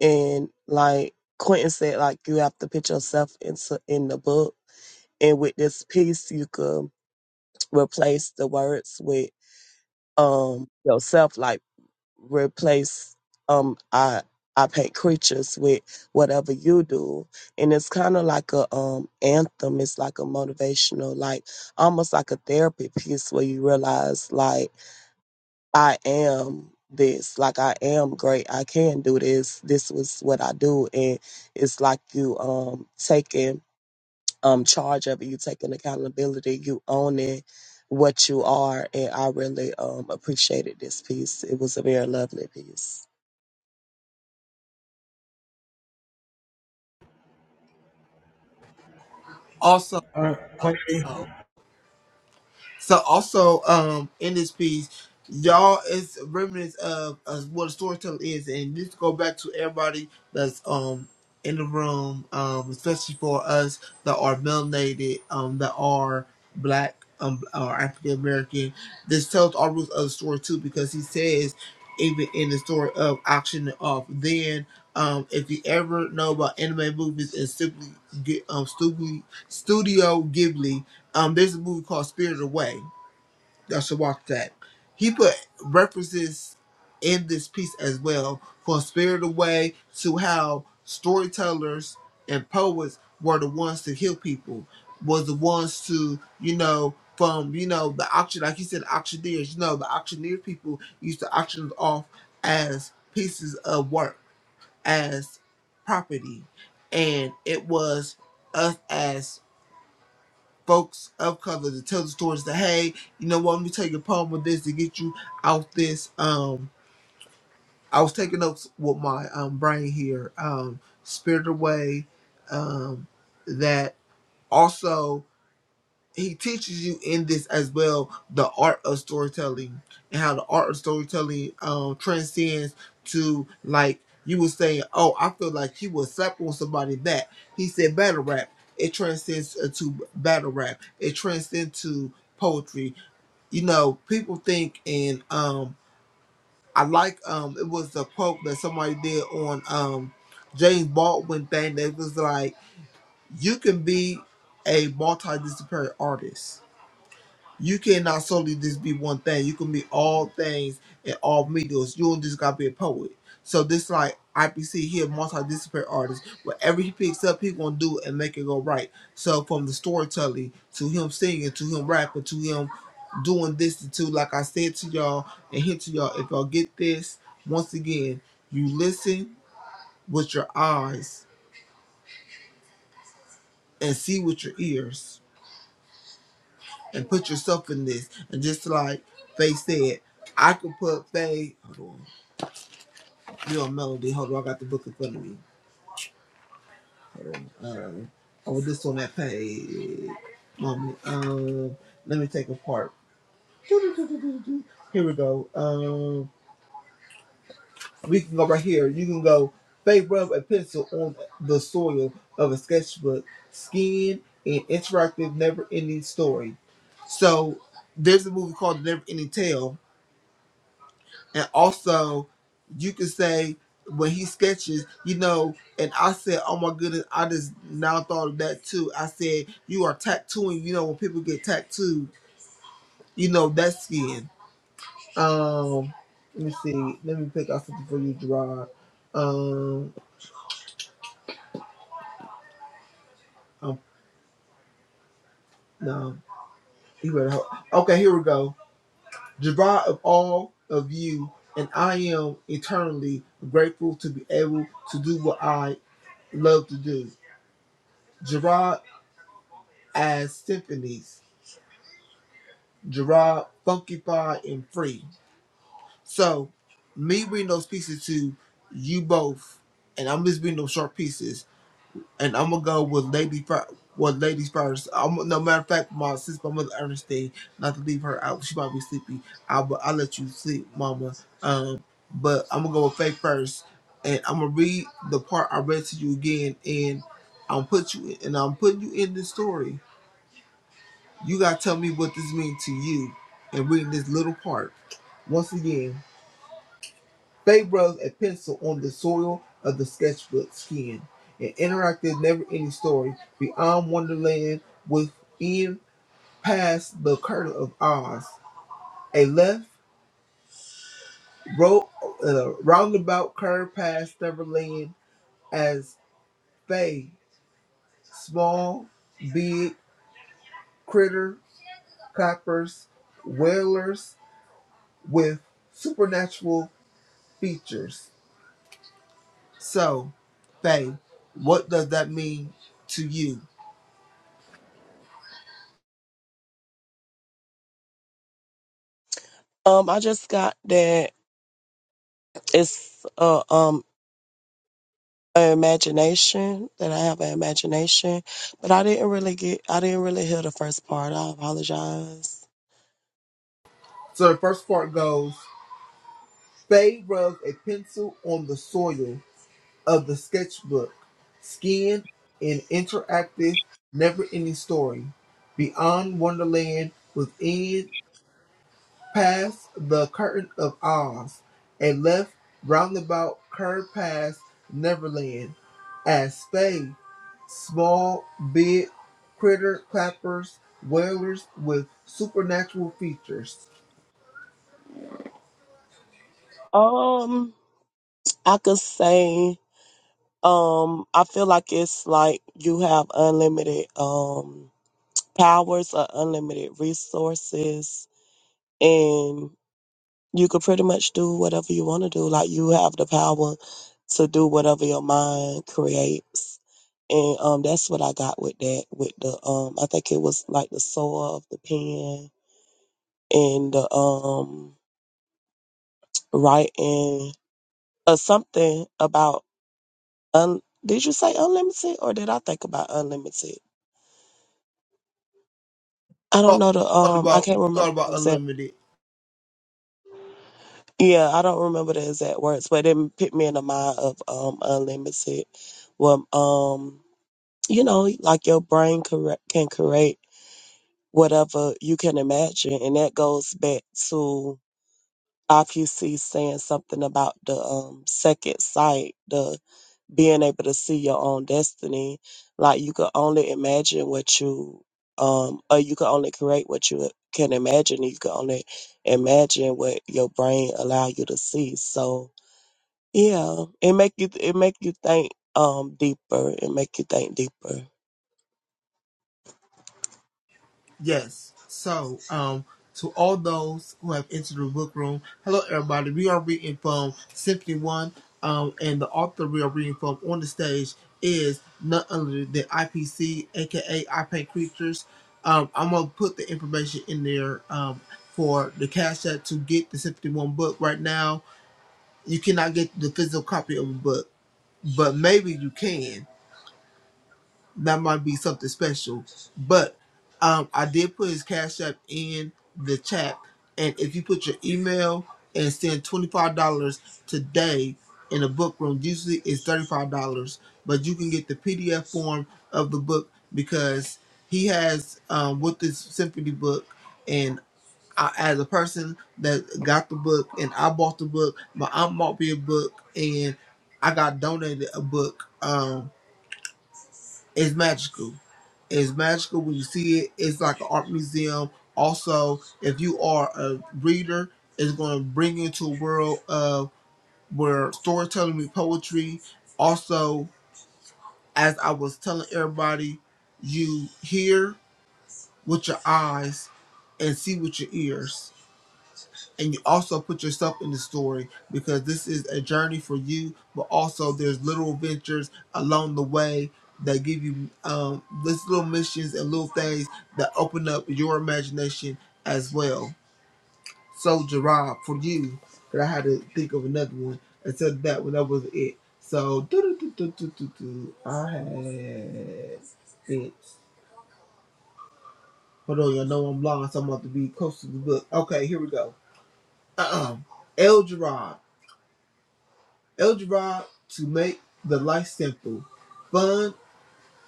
[SPEAKER 2] And like Quentin said, like you have to put yourself into in the book. And with this piece you could replace the words with um yourself. Like replace um I I paint creatures with whatever you do. And it's kinda like a um anthem. It's like a motivational, like almost like a therapy piece where you realize like I am this, like I am great, I can do this, this was what I do and it's like you um taking um charge of it, you taking accountability, you owning what you are and I really um appreciated this piece. It was a very lovely piece.
[SPEAKER 4] Also. So also, um, in this piece, y'all is remnants of, of what storytelling is, and this go back to everybody that's um in the room, um, especially for us that are melanated, um, that are black, um, or African American. This tells our roots of the story too, because he says, even in the story of auctioning off, then. Um, if you ever know about anime movies and simply get um studio, studio Ghibli, um, there's a movie called Spirited Away. Y'all should watch that. He put references in this piece as well for Spirited Away to how storytellers and poets were the ones to heal people, was the ones to, you know, from, you know, the auction, like you said, auctioneers, you know, the auctioneer people used to auction off as pieces of work, as property. And it was us as folks of color to tell the stories that hey, you know what, let me tell you a problem with this to get you out this um I was taking notes with my um brain here. Um Spirited Away, um that also he teaches you in this as well the art of storytelling and how the art of storytelling um transcends to like you were saying oh i feel like he was slap on somebody back he said battle rap it transcends uh, to battle rap it transcends to poetry you know people think and um i like um it was a quote that somebody did on um james baldwin thing that was like you can be a multidisciplinary artist you cannot solely just be one thing. You can be all things and all medias. You don't just gotta be a poet. So this like IPC here, multidisciplinary artist. Whatever he picks up, he gonna do it and make it go right. So from the storytelling to him singing to him rapping to him doing this to like I said to y'all and hint to y'all, if y'all get this, once again, you listen with your eyes and see with your ears and put yourself in this. And just like Faye said, I could put Faye. Hold on, you on Melody. Hold on, I got the book in front of me. Hold on. Um, oh, this on that page. Mommy, um, let me take apart. Here we go. Um, we can go right here. You can go. Faye rub a pencil on the soil of a sketchbook, skin an interactive, never-ending story. So there's a movie called Never Ending Tale And also, you could say when he sketches, you know, and I said, oh my goodness, I just now thought of that too. I said, you are tattooing, you know, when people get tattooed, you know, that skin. Um, let me see. Let me pick out something for you, Gerard. Um, um no, you better help. Okay, here we go. Gerard, of all of you, and I am eternally grateful to be able to do what I love to do. Gerard as symphonies, Gerard, Funky Fire, and Free. So, me reading those pieces to you both, and I'm just reading those short pieces, and I'm gonna go with Lady Fir- with ladies first. I'm, no matter of fact, my sister, my mother Ernestine, not to leave her out. She might be sleepy. I'll I'll let you sleep, Mama. Um, but I'm gonna go with Faith first, and I'm gonna read the part I read to you again, and I'm put you and I'm putting you in this story You gotta tell me what this means to you and reading this little part. Once again, Faye rubs a pencil on the soil of the sketchbook skin, an interactive never ending story beyond Wonderland within past the curtain of Oz. A left ro- uh, roundabout curve past Neverland as Faye, small, big, critter, coppers, whalers with supernatural features So, Faye, what does that mean to you?
[SPEAKER 2] Um, I just got that it's uh, um an imagination that I have an imagination, but I didn't really get I didn't really hear the first part. I apologize.
[SPEAKER 4] So the first part goes Faye rubs a pencil on the soil of the sketchbook, skinned an interactive, never ending story. Beyond Wonderland, within, past the curtain of Oz, and left roundabout curve past Neverland. As Faye small, big critter clappers, whalers with supernatural features.
[SPEAKER 2] Um, I could say um I feel like it's like you have unlimited um powers or unlimited resources and. you could pretty much do whatever you want to do. Like you have the power to do whatever your mind creates. And um that's what I got with that with the um I think it was like the soul of the pen and the um writing or something about un- did you say unlimited or did I think about unlimited? I don't
[SPEAKER 4] Oh,
[SPEAKER 2] know the
[SPEAKER 4] thought
[SPEAKER 2] um I
[SPEAKER 4] about
[SPEAKER 2] can't
[SPEAKER 4] you thought
[SPEAKER 2] remember the
[SPEAKER 4] about
[SPEAKER 2] exact
[SPEAKER 4] unlimited.
[SPEAKER 2] yeah, I don't remember the exact words, but it put me in the mind of um unlimited. Well um you know, like your brain correct, can create whatever you can imagine. And that goes back to IPC saying something about the um, second sight, the being able to see your own destiny. Like you could only imagine what you, um, or you could only create what you can imagine. You could only imagine what your brain allow you to see. So yeah, it make you, it make you think um deeper. It make you think deeper.
[SPEAKER 4] Yes. So, um, to all those who have entered the book room, hello everybody. We are reading from Symphony One, um, and the author we are reading from on the stage is none other than IPC, aka I Paint Creatures. Um, I'm gonna put the information in there um, for the cash app to get the Symphony One book right now You cannot get the physical copy of a book, but maybe you can. That might be something special. But um, I did put his cash app in the chat, and if you put your email and send twenty five dollars today in a book room, usually it's thirty five dollars, but you can get the PDF form of the book because he has um, with this symphony book. and. I, as a person that got the book and I bought the book, my aunt bought me a book and I got donated a book. Um, it's magical. It's magical when you see it. It's like an art museum. Also, if you are a reader, it's going to bring you into a world of where storytelling with poetry. Also, as I was telling everybody, you hear with your eyes and see with your ears and you also put yourself in the story because this is a journey for you but also there's little ventures along the way that give you um this little missions and little things that open up your imagination as well so gerard for you that i had to think of another one I said that one that was it so do do do do do do i had it hold on y'all know i'm blind so i'm about to be close to the book okay here we go uh-uh el gerard Eldrad to make the life simple, fun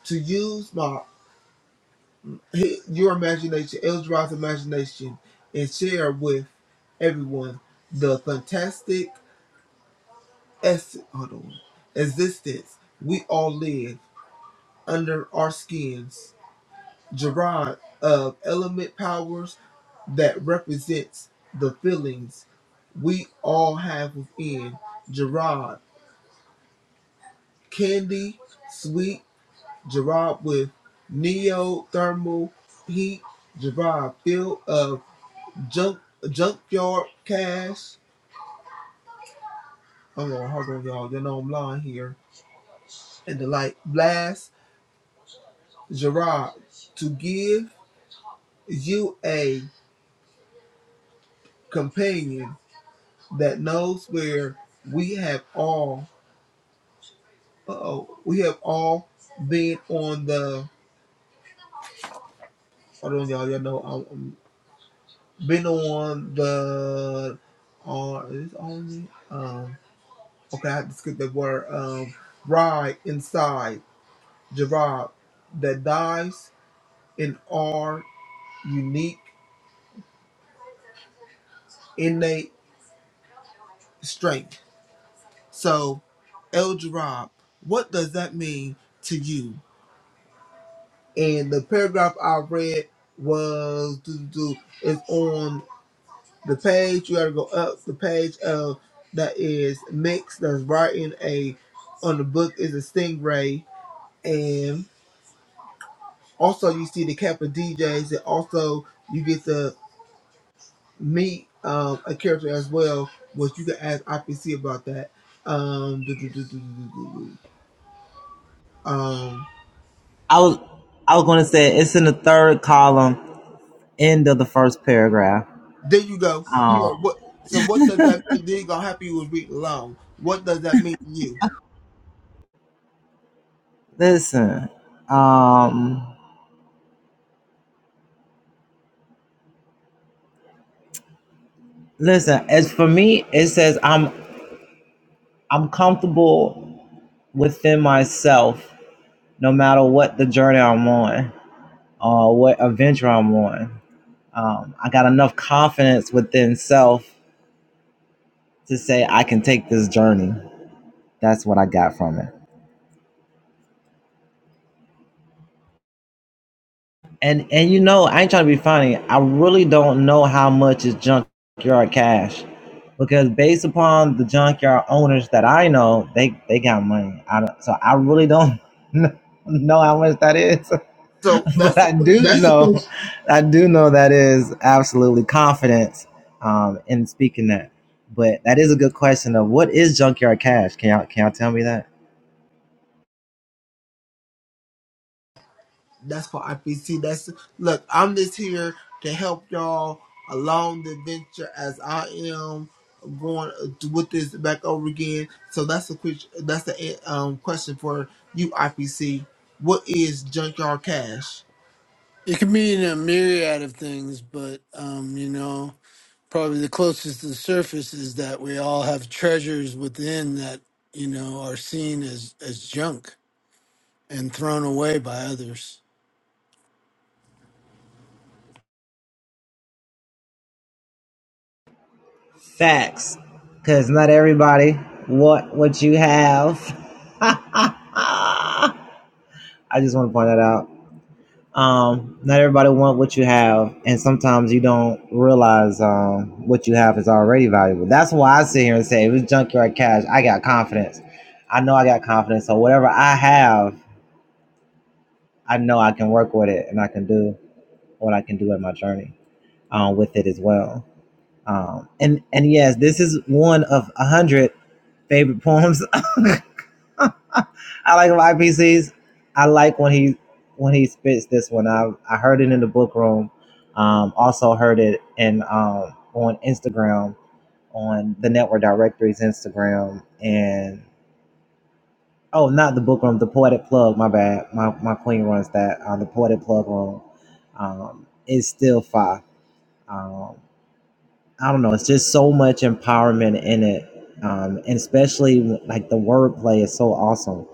[SPEAKER 4] to use my your imagination, Eldrad's imagination, and share with everyone the fantastic es- hold on, existence we all live under our skins. Gerard of element powers that represents the feelings we all have within. Gerard, candy, sweet Gerard with neothermal heat. Gerard filled of junk junkyard gas. Hold on, hold on, y'all. You know I'm lying here. And the light blast. Gerard to give you a companion that knows where we have all. Uh oh, we have all been on the. Hold on, y'all. You know I'm, I'm- been on the. On is it on it? Okay, I have to skip the word. Um, ride inside Gerard that dies in our unique innate strength. So, El Gerard, what does that mean to you? And the paragraph I read was do, do, do, is on the page. You got to go up the page of that is mix that's writing a on the book is a stingray and. Also, you see the Kappa DJs, and also you get to meet um, a character as well, which you can ask IPC about that. Um, do, do, do, do, do, do, do. um,
[SPEAKER 1] I was I was gonna say it's in the third column, end of the first paragraph.
[SPEAKER 4] there you go. So
[SPEAKER 1] Oh,
[SPEAKER 4] what? So what does that mean? Then you gonna happy you was reading along. What does that mean to you?
[SPEAKER 1] listen. Um, listen. As for me, it says I'm I'm comfortable within myself, no matter what the journey I'm on or what adventure I'm on. Um, I got enough confidence within self to say I can take this journey. That's what I got from it. And and you know, I ain't trying to be funny. I really don't know how much is junkyard cash, because based upon the junkyard owners that I know, they they got money. I don't, so I really don't know how much that is,
[SPEAKER 4] So
[SPEAKER 1] but
[SPEAKER 4] that's the
[SPEAKER 1] I do
[SPEAKER 4] question.
[SPEAKER 1] That's the know, question. I do know that is absolutely confidence um, in speaking that. But that is a good question of what is junkyard cash? Can y'all can y'all tell me that?
[SPEAKER 4] That's what IPC. That's look. I'm just here to help y'all along the adventure as I am going with this back over again. So that's the quick. That's the um question for you, IPC. What is junkyard cash?
[SPEAKER 3] It can mean a myriad of things, but, um, you know, probably the closest to the surface is that we all have treasures within that, you know, are seen as, as junk and thrown away by others.
[SPEAKER 1] Facts. Because not everybody what what you have. I just want to point that out. Um, not everybody want what you have, and sometimes you don't realize um, what you have is already valuable. That's why I sit here and say, if it's junkyard cash, I got confidence. I know I got confidence, so whatever I have, I know I can work with it, and I can do what I can do in my journey um, with it as well. Um, and and yes, this is one of a hundred favorite poems I like my IPCs. I like when he when he spits this one. I I heard it in the book room. Um, also heard it in um, on Instagram on the network directory's Instagram and oh not the book room the poetic plug my bad my my queen runs that uh, the poetic plug room um, is still fire. Um, I don't know it's just so much empowerment in it um, and especially like the wordplay is so awesome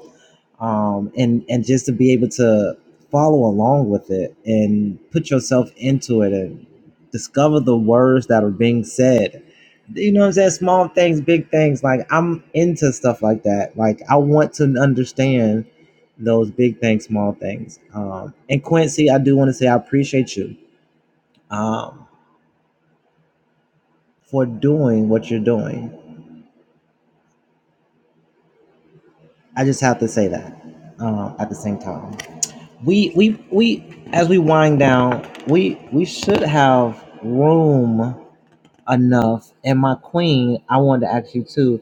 [SPEAKER 1] um, and and just to be able to follow along with it and put yourself into it and discover the words that are being said. You know what I'm saying? Small things, big things. Like I'm into stuff like that. Like I want to understand those big things, small things. Um, and Quincy, I do want to say I appreciate you um, for doing what you're doing. I just have to say that um, at the same time. we we we as we wind down we we should have room enough and my queen i wanted to ask you too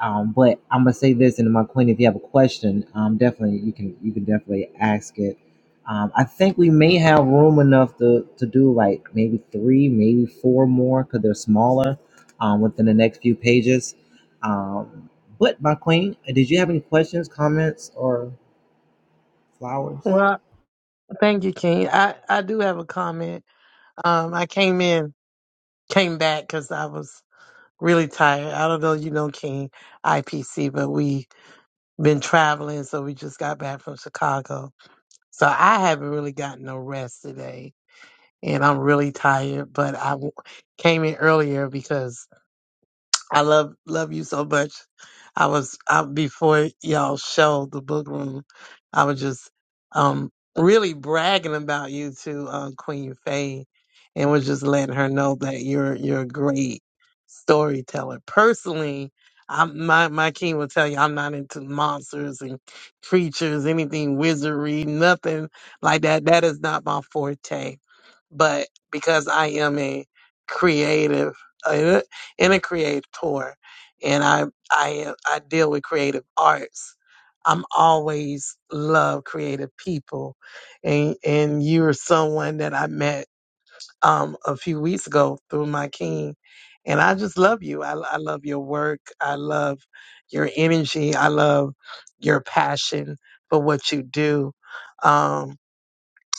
[SPEAKER 1] um but i'm gonna say this and my queen if you have a question um definitely you can you can definitely ask it um i think we may have room enough to to do like maybe three maybe four more because they're smaller um within the next few pages um but my queen did you have any questions comments or flowers
[SPEAKER 5] Well, thank you, King. I, I do have a comment. Um, I came in, came back because I was really tired. I don't know, you know, King, IPC, but we been traveling, so we just got back from Chicago. So I haven't really gotten no rest today, and I'm really tired. But I w- came in earlier because I love love you so much. I was I, before y'all show the book room. I was just um really bragging about you to uh, Queen Faye, and was just letting her know that you're you're a great storyteller. Personally, I'm my my king will tell you I'm not into monsters and creatures, anything wizardry, nothing like that. That is not my forte but because I am a creative, uh, and a creator, and I I I deal with creative arts, I'm always love creative people, and and you're someone that I met um a few weeks ago through my king, and I just love you. I I love your work. I love your energy. I love your passion for what you do. Um,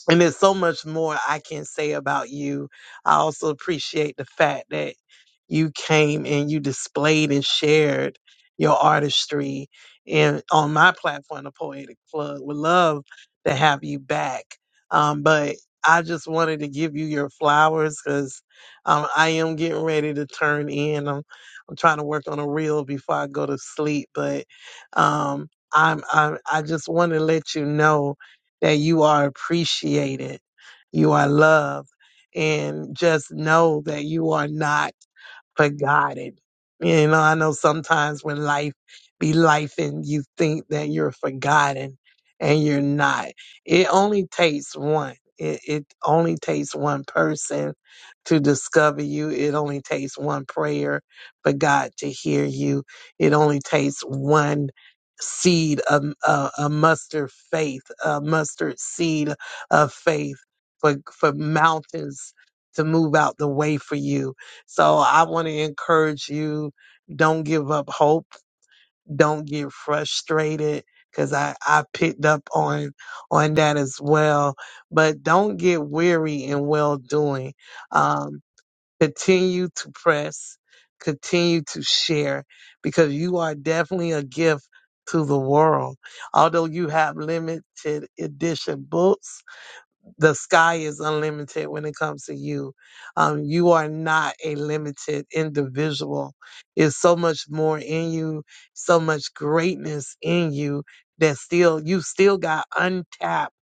[SPEAKER 5] and there's so much more I can say about you. I also appreciate the fact that you came and you displayed and shared your artistry and on my platform, the Poetic Plug. Would love to have you back. Um, but I just wanted to give you your flowers because um, I am getting ready to turn in. I'm, I'm trying to work on a reel before I go to sleep, but um, I'm, I'm I just want to let you know that you are appreciated, you are loved, and just know that you are not Forgotten, you know, I know sometimes when life be life and you think that you're forgotten and you're not. It only takes one. It, it only takes one person to discover you. It only takes one prayer for God to hear you. It only takes one seed, a, a, a mustard faith, a mustard seed of faith for, for mountains to move out the way for you so I want to encourage you don't give up hope, don't get frustrated cuz I I picked up on on that as well, but don't get weary in well doing. Um continue to press, continue to share because you are definitely a gift to the world. Although you have limited edition books, the sky is unlimited when it comes to you. Um, you are not a limited individual. There's so much more in you, so much greatness in you that still you still got untapped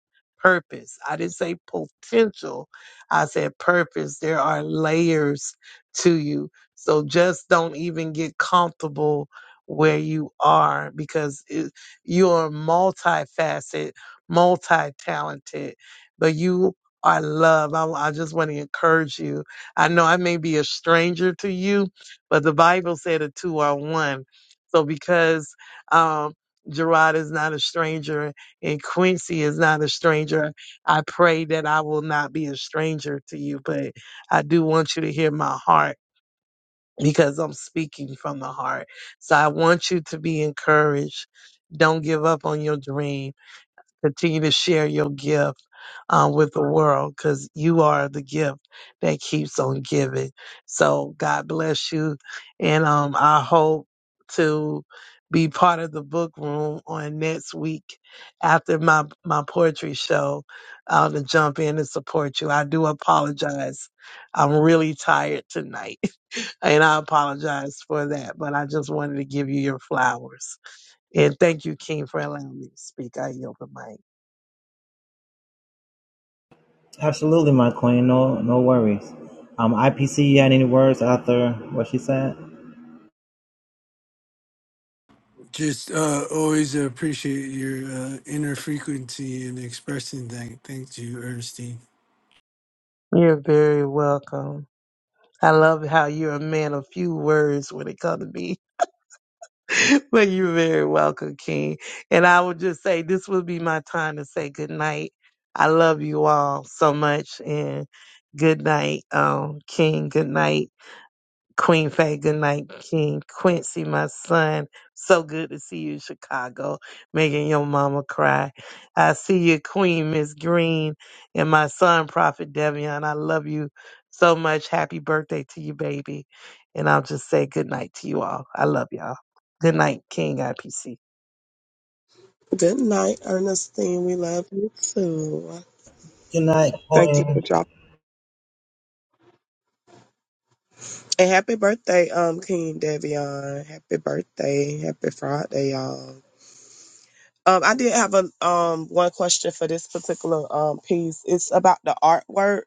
[SPEAKER 5] purpose. I didn't say potential. I said purpose. There are layers to you. So just don't even get comfortable where you are because it, you are multifaceted, multi-talented but you are love. I, I just want to encourage you. I know I may be a stranger to you, but the Bible said the two are one. So because um, Gerard is not a stranger and Quincy is not a stranger, I pray that I will not be a stranger to you. But I do want you to hear my heart because I'm speaking from the heart. So I want you to be encouraged. Don't give up on your dream Continue to share your gift um, with the world because you are the gift that keeps on giving. So God bless you. And um, I hope to be part of the book room on next week after my, my poetry show uh, to jump in and support you. I do apologize. I'm really tired tonight. And I apologize for that, but I just wanted to give you your flowers. And thank you, King, for allowing me to speak. I yield the mic.
[SPEAKER 1] Absolutely, my queen. No, no worries. Um, IPC, you had any words after what she said?
[SPEAKER 3] Just uh, always appreciate your uh, inner frequency and expressing that. Thank you, Ernestine.
[SPEAKER 5] You're very welcome. I love how you're a man of few words when it comes to me. but you're very welcome, King. And I would just say this would be my time to say good night. I love you all so much and good night, um, King. Good night. Queen Faye, good night, King Quincy, my son. So good to see you Chicago, making your mama cry. I see you, Queen Miss Green, and my son, Prophet Devion. I love you so much. Happy birthday to you, baby. And I'll just say good night to you all. I love y'all. Good night, King IPC.
[SPEAKER 2] Good night, Ernestine. We love you too.
[SPEAKER 1] Good night,
[SPEAKER 2] Thank you for
[SPEAKER 1] queen.
[SPEAKER 2] dropping. And happy birthday, um, King Davion. Happy birthday. Happy Friday, y'all. Um, I did have a um one question for this particular um piece. It's about the artwork.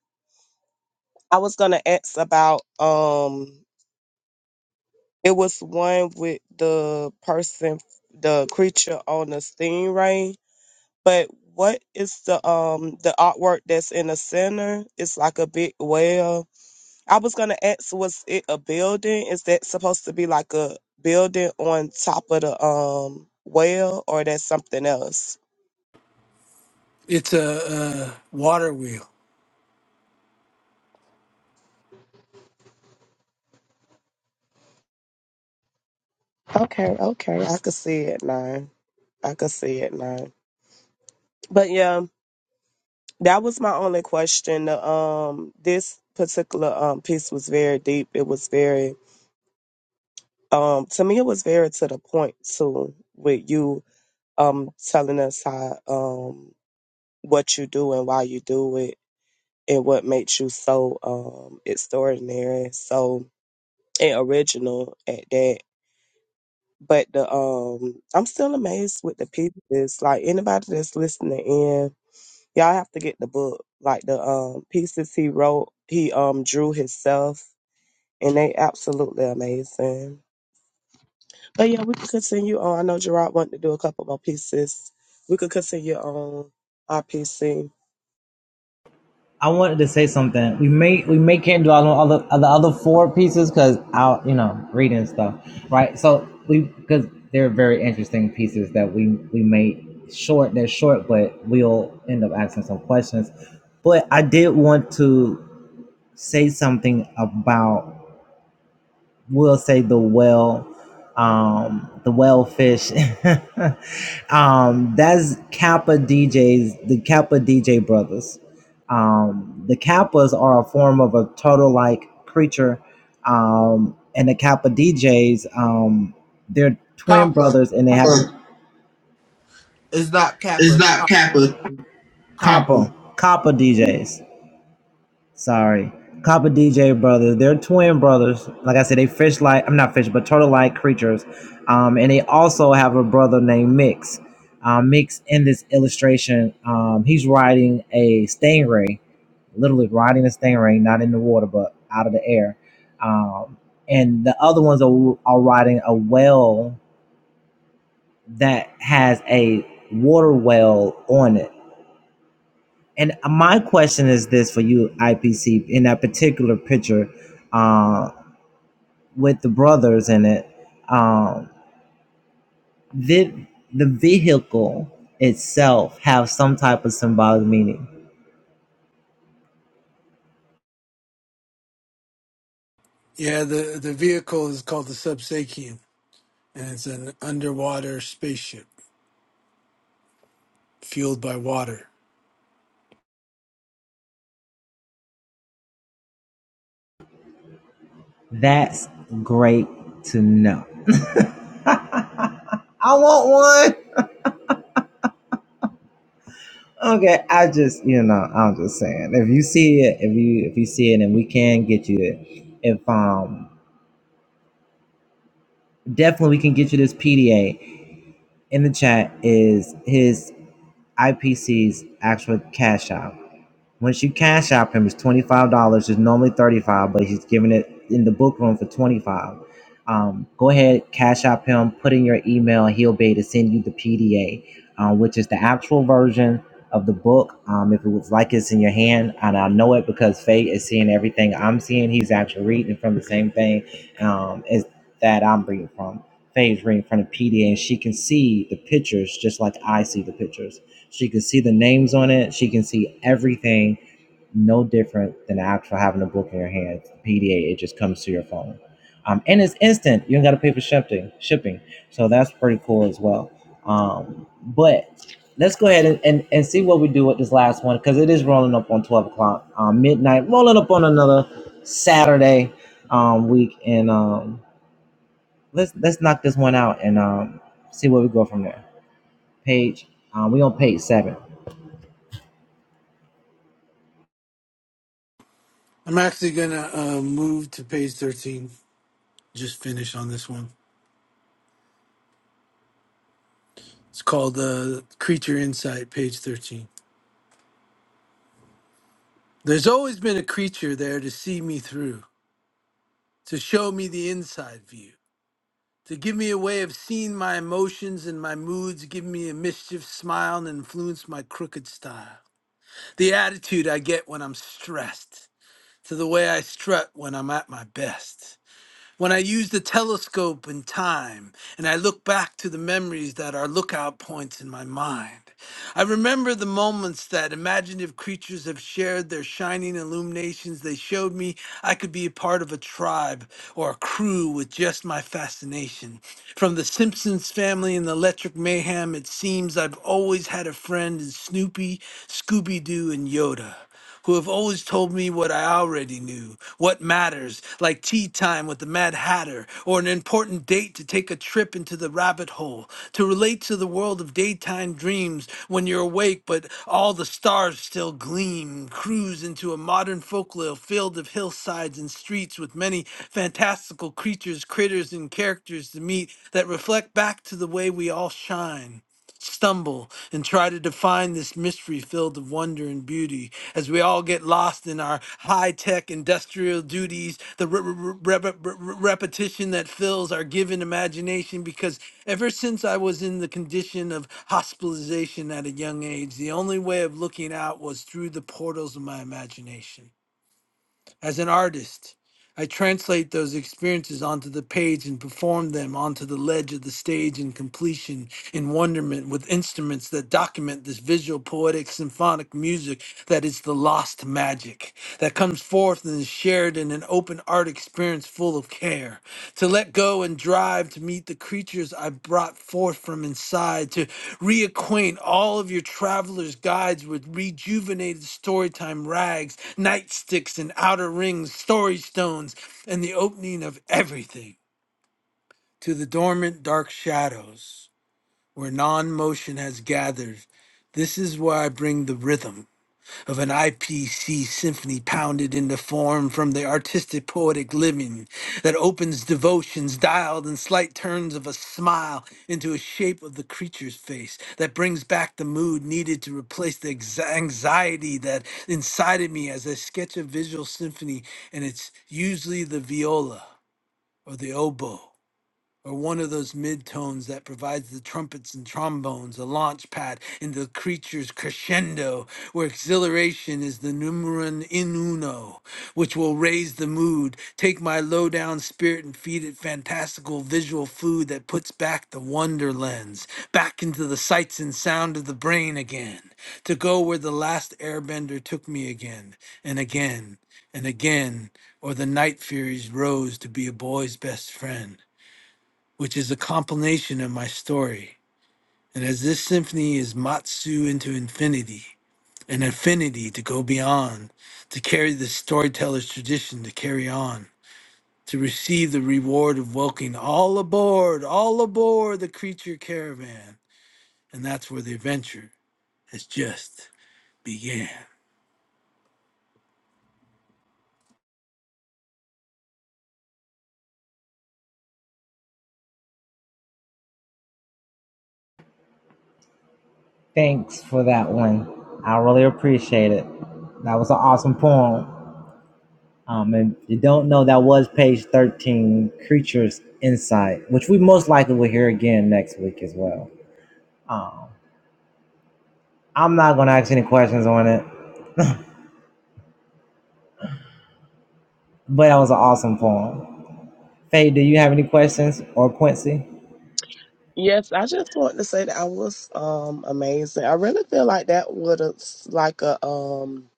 [SPEAKER 2] I was gonna ask about um it was one with the person the creature on the stingray, but what is the um the artwork that's in the center? It's like a big whale I was gonna ask, was it a building? Is that supposed to be like a building on top of the um well, or that's something else?
[SPEAKER 3] It's a, uh waterwheel.
[SPEAKER 2] Okay, okay, I could see it now. I could see it now. But yeah, that was my only question. The, Um, this particular um piece was very deep. It was very um to me, it was very to the point too. With you um telling us how um what you do and why you do it and what makes you so um extraordinary, so and original at that. But the um I'm still amazed with the pieces. Like anybody that's listening in, y'all have to get the book. Like the um pieces he wrote, he um drew himself and they absolutely amazing. But yeah, we could continue on. I know Gerard wanted to do a couple more pieces. We could continue on our piece.
[SPEAKER 1] I wanted to say something. We may we may can't do all the other all the other four pieces because i you know reading and stuff, right? So we because they're very interesting pieces that we we made short. They're short, but we'll end up asking some questions. But I did want to say something about we'll say the well um the well fish um that's kappa djs the kappa dj brothers um the kappas are a form of a turtle like creature um and the kappa djs um they're twin
[SPEAKER 4] Copper
[SPEAKER 1] brothers and they have
[SPEAKER 4] is not kappa. Copper.
[SPEAKER 1] kappa djs Sorry. Copper DJ brothers. They're twin brothers. Like I said, they fish like I'm not fish, but turtle like creatures. Um, and they also have a brother named Mix. Um, Mix in this illustration, um, he's riding a stingray, literally riding a stingray, not in the water, but out of the air. Um, and the other ones are, are riding a whale that has a water well on it and my question is this for you, IPC, in that particular picture uh, with the brothers in it, um, did the vehicle itself have some type of symbolic meaning?
[SPEAKER 3] Yeah, the, the vehicle is called the Subsakian, and it's an underwater spaceship fueled by water.
[SPEAKER 1] That's great to know. I want one. Okay, I just you know I'm just saying if you see it if you if you see it and we can get you it if um definitely we can get you this PDA in the chat is his IPC's actual cash out. Once you cash out him, it's twenty five dollars. It's normally thirty five, but he's giving it in the book room for twenty five. Um, go ahead, cash out him. Put in your email. and He'll be able to send you the PDA, uh, which is the actual version of the book. Um, if it was like it's in your hand, and I know it because Faye is seeing everything I'm seeing. He's actually reading from the same thing um, as that I'm reading from. Faye's reading from the PDA, and she can see the pictures just like I see the pictures. She can see the names on it. She can see everything. No different than actual having a book in your hand. PDA, it just comes to your phone. Um, and it's instant. You don't got to pay for shipping. Shipping. So that's pretty cool as well. Um, but let's go ahead and, and, and see what we do with this last one because it is rolling up on 12 o'clock um, midnight, rolling up on another Saturday um, week. And um, let's let's knock this one out and um, see where we go from there. Page, uh, we on page seven.
[SPEAKER 3] I'm actually gonna uh, move to page 13. Just finish on this one. It's called uh, Creature Insight, page 13. There's always been a creature there to see me through, to show me the inside view, to give me a way of seeing my emotions and my moods, give me a mischief smile and influence my crooked style. The attitude I get when I'm stressed to the way I strut when I'm at my best. When I use the telescope in time and I look back to the memories that are lookout points in my mind, I remember the moments that imaginative creatures have shared their shining illuminations. They showed me I could be a part of a tribe or a crew with just my fascination. From the Simpsons family and the Electric Mayhem, it seems I've always had a friend in Snoopy, Scooby Doo, and Yoda who have always told me what I already knew, what matters, like tea time with the Mad Hatter, or an important date to take a trip into the rabbit hole, to relate to the world of daytime dreams when you're awake but all the stars still gleam, cruise into a modern folklore filled of hillsides and streets with many fantastical creatures, critters, and characters to meet that reflect back to the way we all shine stumble and try to define this mystery filled of wonder and beauty as we all get lost in our high tech industrial duties, the re- re- re- re- re- repetition that fills our given imagination. Because ever since I was in the condition of hospitalization at a young age, the only way of looking out was through the portals of my imagination. As an artist, I translate those experiences onto the page and perform them onto the ledge of the stage in completion, in wonderment, with instruments that document this visual, poetic, symphonic music that is the lost magic that comes forth and is shared in an open art experience full of care to let go and drive to meet the creatures I brought forth from inside, to reacquaint all of your travelers' guides with rejuvenated storytime rags, nightsticks and outer rings, story stones, and the opening of everything to the dormant dark shadows where non motion has gathered. This is where I bring the rhythm of an IPC symphony pounded into form from the artistic poetic living that opens devotions dialed in slight turns of a smile into a shape of the creature's face that brings back the mood needed to replace the ex- anxiety that incited me as I sketch a visual symphony and it's usually the viola or the oboe or one of those midtones that provides the trumpets and trombones a launch pad into the creature's crescendo, where exhilaration is the numeron in uno, which will raise the mood, take my low down spirit and feed it fantastical visual food that puts back the wonder lens, back into the sights and sound of the brain again, to go where the last airbender took me again and again and again, or the night furies rose to be a boy's best friend which is a compilation of my story. And as this symphony is Matsu into infinity, an affinity to go beyond, to carry the storyteller's tradition, to carry on, to receive the reward of welcoming all aboard, all aboard the creature caravan. And that's where the adventure has just began.
[SPEAKER 1] Thanks for that one. I really appreciate it. That was an awesome poem. Um, and if you don't know, that was page 13, Creatures Insight, which we most likely will hear again next week as well. Um, I'm not going to ask any questions on it, but that was an awesome poem. Faye, do you have any questions? Or Quincy?
[SPEAKER 2] Yes, I just want to say that I was um amazing. I really feel like that would have like a um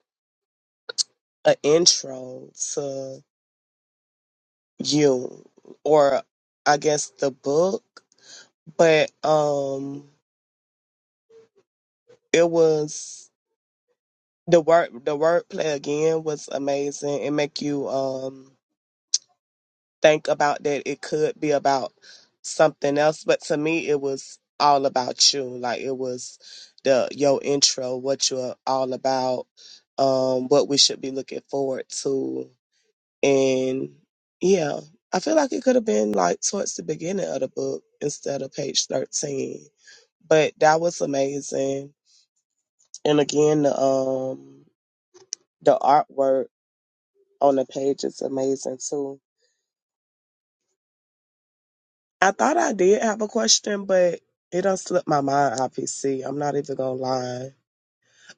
[SPEAKER 2] an intro to you or I guess the book, but um it was the word the wordplay again was amazing. It make you um think about that it could be about something else but to me it was all about you like it was the your intro what you're all about um what we should be looking forward to and yeah i feel like it could have been like towards the beginning of the book instead of page 13 but that was amazing and again the um the artwork on the page is amazing too I thought I did have a question, but it done slipped my mind, obviously. I'm not even gonna lie.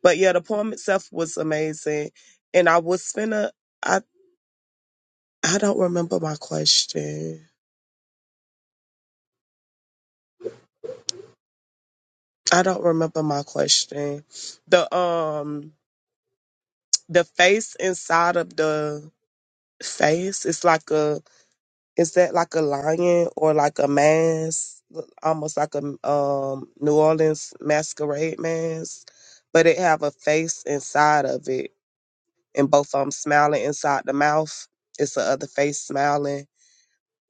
[SPEAKER 2] But yeah, the poem itself was amazing. And I was finna I I don't remember my question. I don't remember my question. The um the face inside of the face is like a is that like a lion or like a mask? Almost like a um New Orleans masquerade mask, but it have a face inside of it and both of them smiling inside the mouth. It's the other face smiling.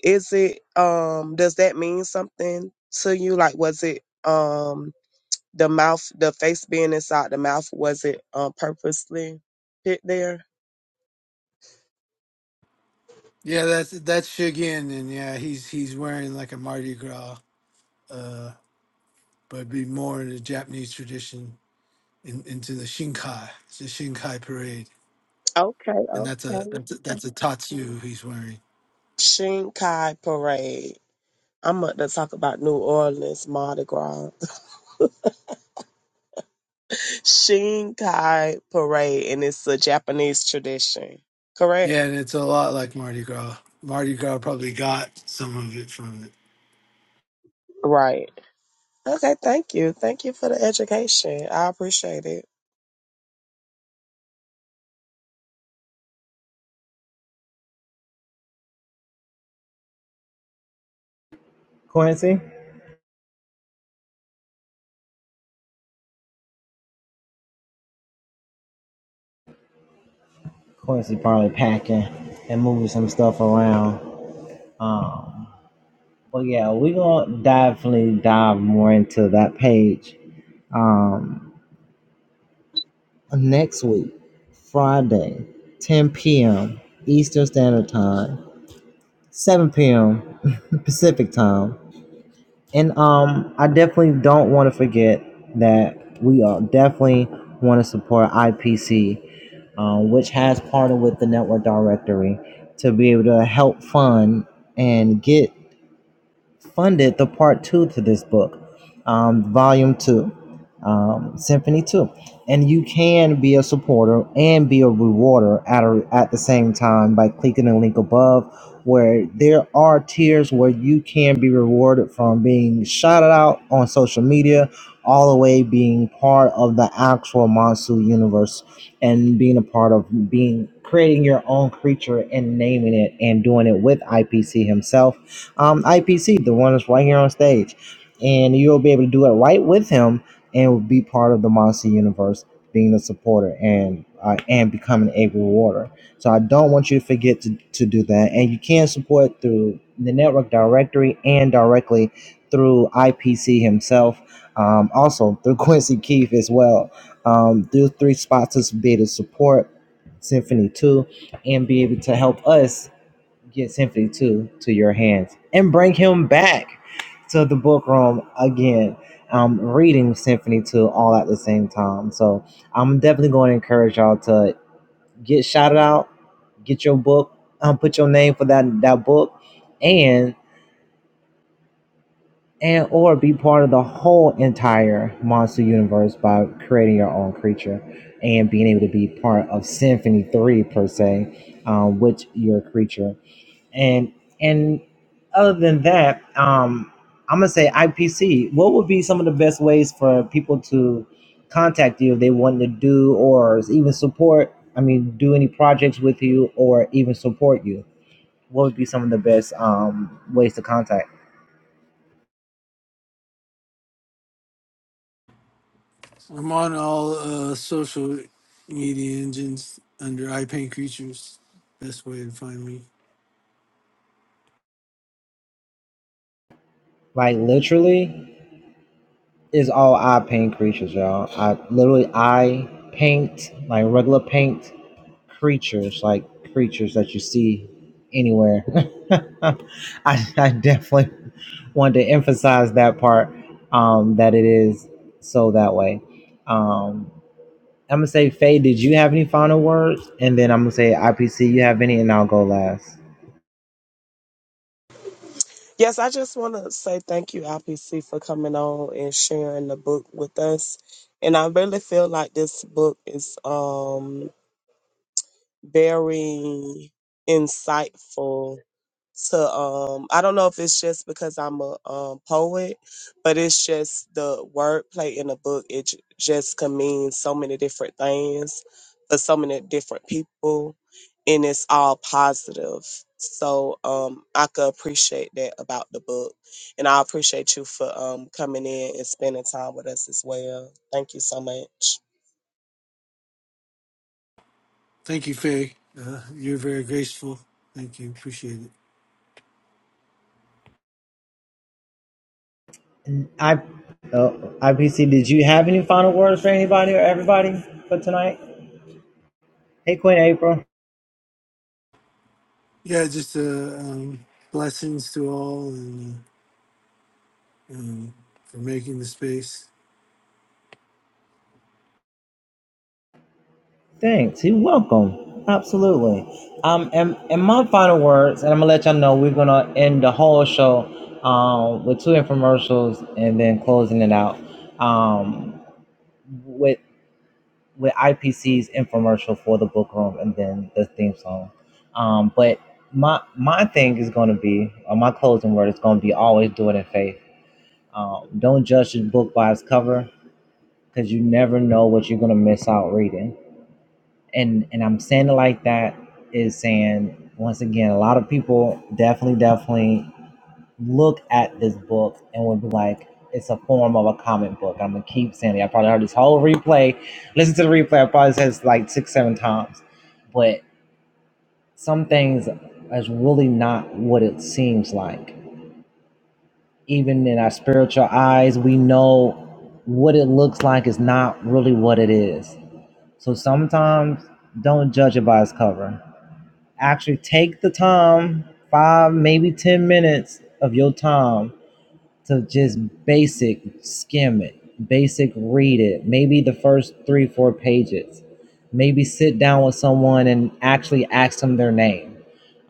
[SPEAKER 2] Is it um does that mean something to you? Like was it um the mouth the face being inside the mouth, was it um purposely put there?
[SPEAKER 3] Yeah, that's that's Shigen, and yeah, he's he's wearing like a Mardi Gras, uh, but it'd be more in the Japanese tradition in, into the Shinkai. It's a Shinkai parade,
[SPEAKER 2] Okay,
[SPEAKER 3] and that's a
[SPEAKER 2] okay.
[SPEAKER 3] that's a, that's a tatsu he's wearing.
[SPEAKER 2] Shinkai parade. I'm about to talk about New Orleans Mardi Gras. Shinkai parade and it's a Japanese tradition, correct?
[SPEAKER 3] Yeah, and it's a lot like Mardi Gras. Mardi Gras probably got some of it from it.
[SPEAKER 2] Right. Okay, thank you. Thank you for the education. I appreciate it.
[SPEAKER 1] Quincy? Quincy probably packing and moving some stuff around. Um, but yeah, we're going to definitely dive more into that page. Um, next week, Friday, 10 p.m. Eastern Standard Time, 7 p.m. Pacific Time. And um, I definitely don't want to forget that we are definitely want to support IPC, um, which has partnered with the Network Directory to be able to help fund and get funded the part two to this book, um, volume two, um, symphony two, and you can be a supporter and be a rewarder at a, at the same time by clicking the link above, where there are tiers where you can be rewarded from being shouted out on social media, all the way being part of the actual Monsu universe and being a part of being creating your own creature and naming it and doing it with IPC himself um, IPC, the one that's right here on stage. And you'll be able to do it right with him and be part of the Monster universe, being a supporter and uh, and becoming a rewarder. So I don't want you to forget to, to do that. And you can support through the network directory and directly through IPC himself. Um, also through Quincy Keith as well. Um, through three spots to be able to support Symphony 2 and be able to help us get Symphony 2 to your hands and bring him back to the book room again. I'm reading Symphony 2 all at the same time. So I'm definitely going to encourage y'all to get shouted out, get your book, um, put your name for that, that book, and and or be part of the whole entire monster universe by creating your own creature and being able to be part of Symphony 3 per se, um, with your creature and and other than that, um, I'm gonna say IPC. What would be some of the best ways for people to contact you if they want to do or even support? I mean, do any projects with you or even support you? What would be some of the best um, ways to contact?
[SPEAKER 3] I'm on all uh, social media engines under I Paint Creatures. Best way to find me.
[SPEAKER 1] Like literally, is all I paint creatures, y'all. I literally I paint like regular paint creatures like creatures that you see anywhere. I, I definitely want to emphasize that part um, that it is so that way. Um, I'm gonna say, Faye, did you have any final words? And then I'm gonna say, IPC, you have any? And I'll go last.
[SPEAKER 2] Yes, I just want to say thank you, IPC, for coming on and sharing the book with us. And I really feel like this book is um very insightful to um I don't know if it's just because I'm a um poet, but it's just the wordplay in the book. It j- just can mean so many different things for so many different people, and it's all positive. So um I could appreciate that about the book, and I appreciate you for um coming in and spending time with us as well. Thank you so much.
[SPEAKER 3] Thank you, Faye. Uh, you're very graceful. Thank you. Appreciate it.
[SPEAKER 1] I, uh, IPC, did you have any final words for anybody or everybody for tonight? Hey, Queen April.
[SPEAKER 3] Yeah, just uh, um, blessings to all and uh, um, for making the space.
[SPEAKER 1] Thanks. You're welcome. Absolutely. Um, and, and my final words, and I'm gonna let y'all know we're gonna end the whole show um with two infomercials and then closing it out um with with IPC's infomercial for the book room and then the theme song. Um, but my my thing is gonna be, or my closing word is gonna be always do it in faith. Um, don't judge a book by its cover because you never know what you're gonna miss out reading and and I'm saying it like that is saying once again, a lot of people definitely, definitely look at this book and would be like, it's a form of a comic book. I'm gonna keep saying it. I probably heard this whole replay. Listen to the replay. I probably said it like six, seven times. But some things is really not what it seems like. Even in our spiritual eyes, we know what it looks like is not really what it is. So sometimes don't judge it by its cover Actually, take the time, five, maybe 10 minutes of your time to just basic skim it, basic read it, maybe the first three, four pages. Maybe sit down with someone and actually ask them their name.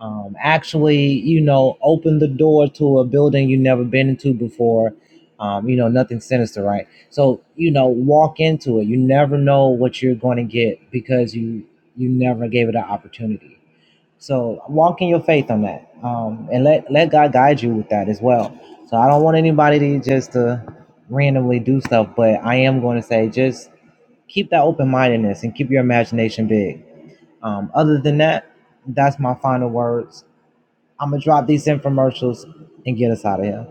[SPEAKER 1] Um, actually, you know, open the door to a building you've never been into before. Um, you know, nothing sinister, right? So, you know, walk into it. You never know what you're going to get because you you never gave it an opportunity. So walk in your faith on that, um, and let let God guide you with that as well. So I don't want anybody to just to randomly do stuff, but I am going to say just keep that open mindedness and keep your imagination big. Um, other than that, that's my final words. I'm gonna drop these infomercials and get us out of here.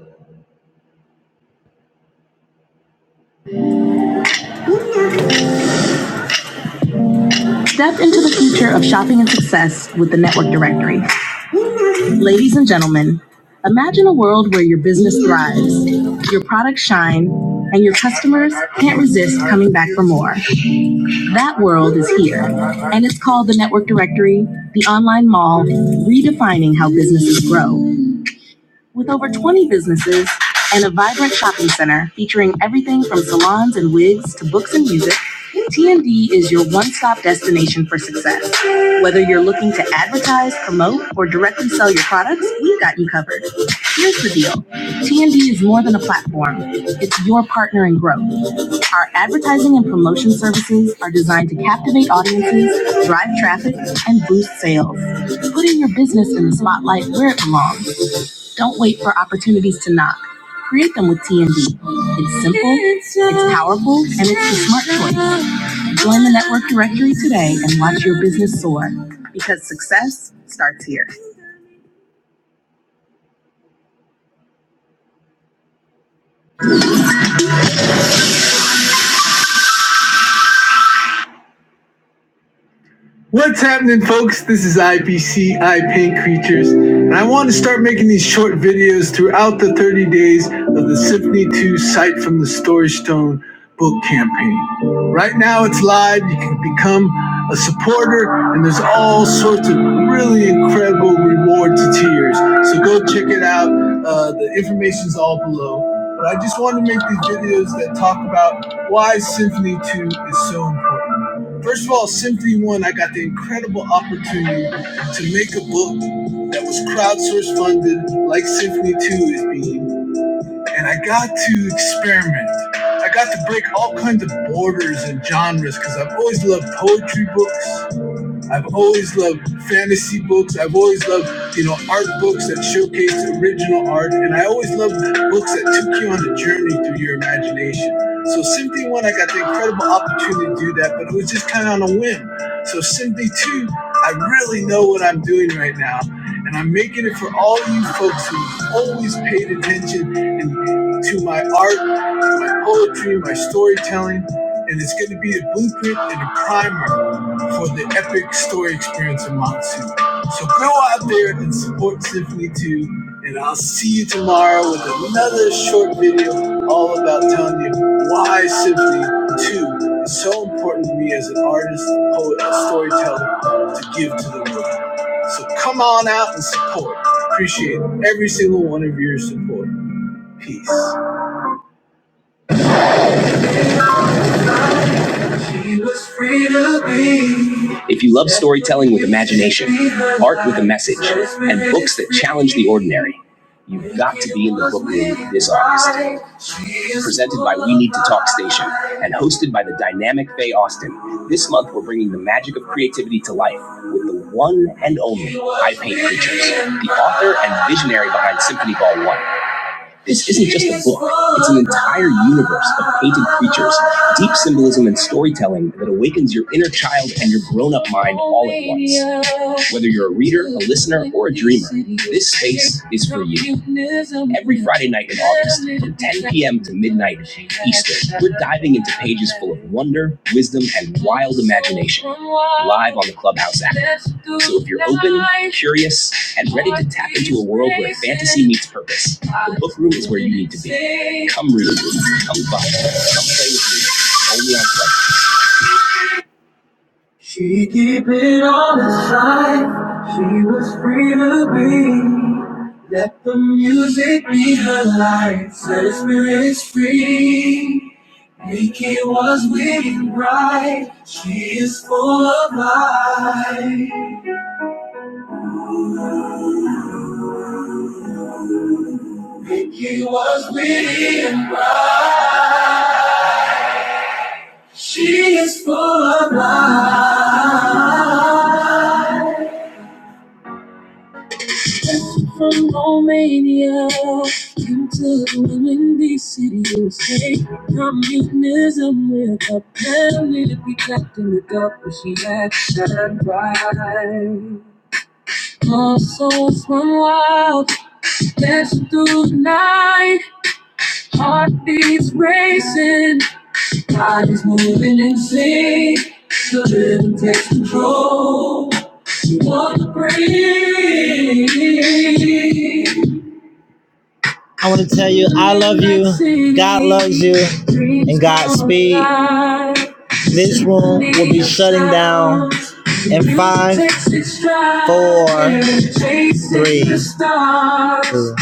[SPEAKER 1] Step into the future of shopping and success with the Network Directory. Ladies and gentlemen, imagine a world where your business thrives, your products shine, and your customers can't resist coming back for more. That world is here, and it's called the Network Directory, the online mall, redefining how businesses grow. With over 20 businesses and a vibrant shopping center featuring everything from salons and wigs to books and music, TND is your one stop destination for success. Whether you're looking to advertise, promote, or directly sell your products, we've got you covered. Here's the deal TND is more than a platform, it's your partner in growth. Our advertising and promotion services are designed to captivate audiences, drive traffic, and boost sales. Putting your business in the spotlight where it belongs don't wait for opportunities to knock. Create them with TND. It's simple, it's powerful, and it's the smart choice. Join the network directory today and watch your business soar because success starts here. What's happening, folks? This is IPCI Paint Creatures, and I want to start making these short videos throughout the 30 days of the Symphony 2 Sight from the Storage Stone book campaign. Right now, it's live. You can become a supporter, and there's all sorts of really incredible rewards and tiers. So go check it out. Uh, the information's all below. But I just wanted to make these videos that talk about why Symphony 2 is so important. First of all, Symphony One, I got the incredible opportunity to make a book that was crowdsource funded, like Symphony Two is being, and I got to experiment. I got to break all kinds of borders and genres because I've always loved poetry books. I've always loved fantasy books. I've always loved, you know, art books that showcase original art. And I always loved books that took you on a journey through your imagination. So Symphony 1, I got the incredible opportunity to do that, but it was just kind of on a whim. So Symphony 2, I really know what I'm doing right now. And I'm making it for all you folks who've always paid attention and to my art, my poetry, my storytelling. And it's going to be a blueprint and a primer for the epic story experience in Matsu. So go out there and support Symphony 2, and I'll see you tomorrow with another short video all about telling you why Symphony 2 is so important to me as an artist, poet, and storyteller to give to the world. So come on out and support. Appreciate every single one of your support. Peace. If you love storytelling with imagination, art with a message, and books that challenge the ordinary, you've got to be in the book room this August. Presented by We Need to Talk Station and hosted by the dynamic Faye Austin, this month we're bringing the magic of creativity to life with the one and only I Paint Creatures, the author and visionary behind Symphony Ball 1. This isn't just a book, it's an entire universe of painted creatures, deep symbolism and storytelling that awakens your inner child and your grown up mind all at once. Whether you're a reader, a listener, or a dreamer, this space is for you. Every Friday night in August, from 10 p.m. to midnight Eastern, we're diving into pages full of wonder, wisdom, and wild imagination live on the Clubhouse app. So if you're open, curious, and ready to tap into a world where fantasy meets purpose, Book room is where you need to be. Come read, with me. come find, me. come play with me. Only on Clubhouse. She keep it on the side. She was free to be. Let the music be her light. Set her spirit free. Nikki was winning bright. She is full of light. Nikki was winning bright. She is full of light. From Romania came to ruin these cities. Hey, communism with a penny. We trapped in the dark, but she had shine bright. Our souls run wild, dancing through the night. Heartbeats racing, bodies moving in sync. The rhythm takes control. She wants to breathe. I want to tell you, I love you. God loves you. And Godspeed. This room will be shutting down in five, four, three, two,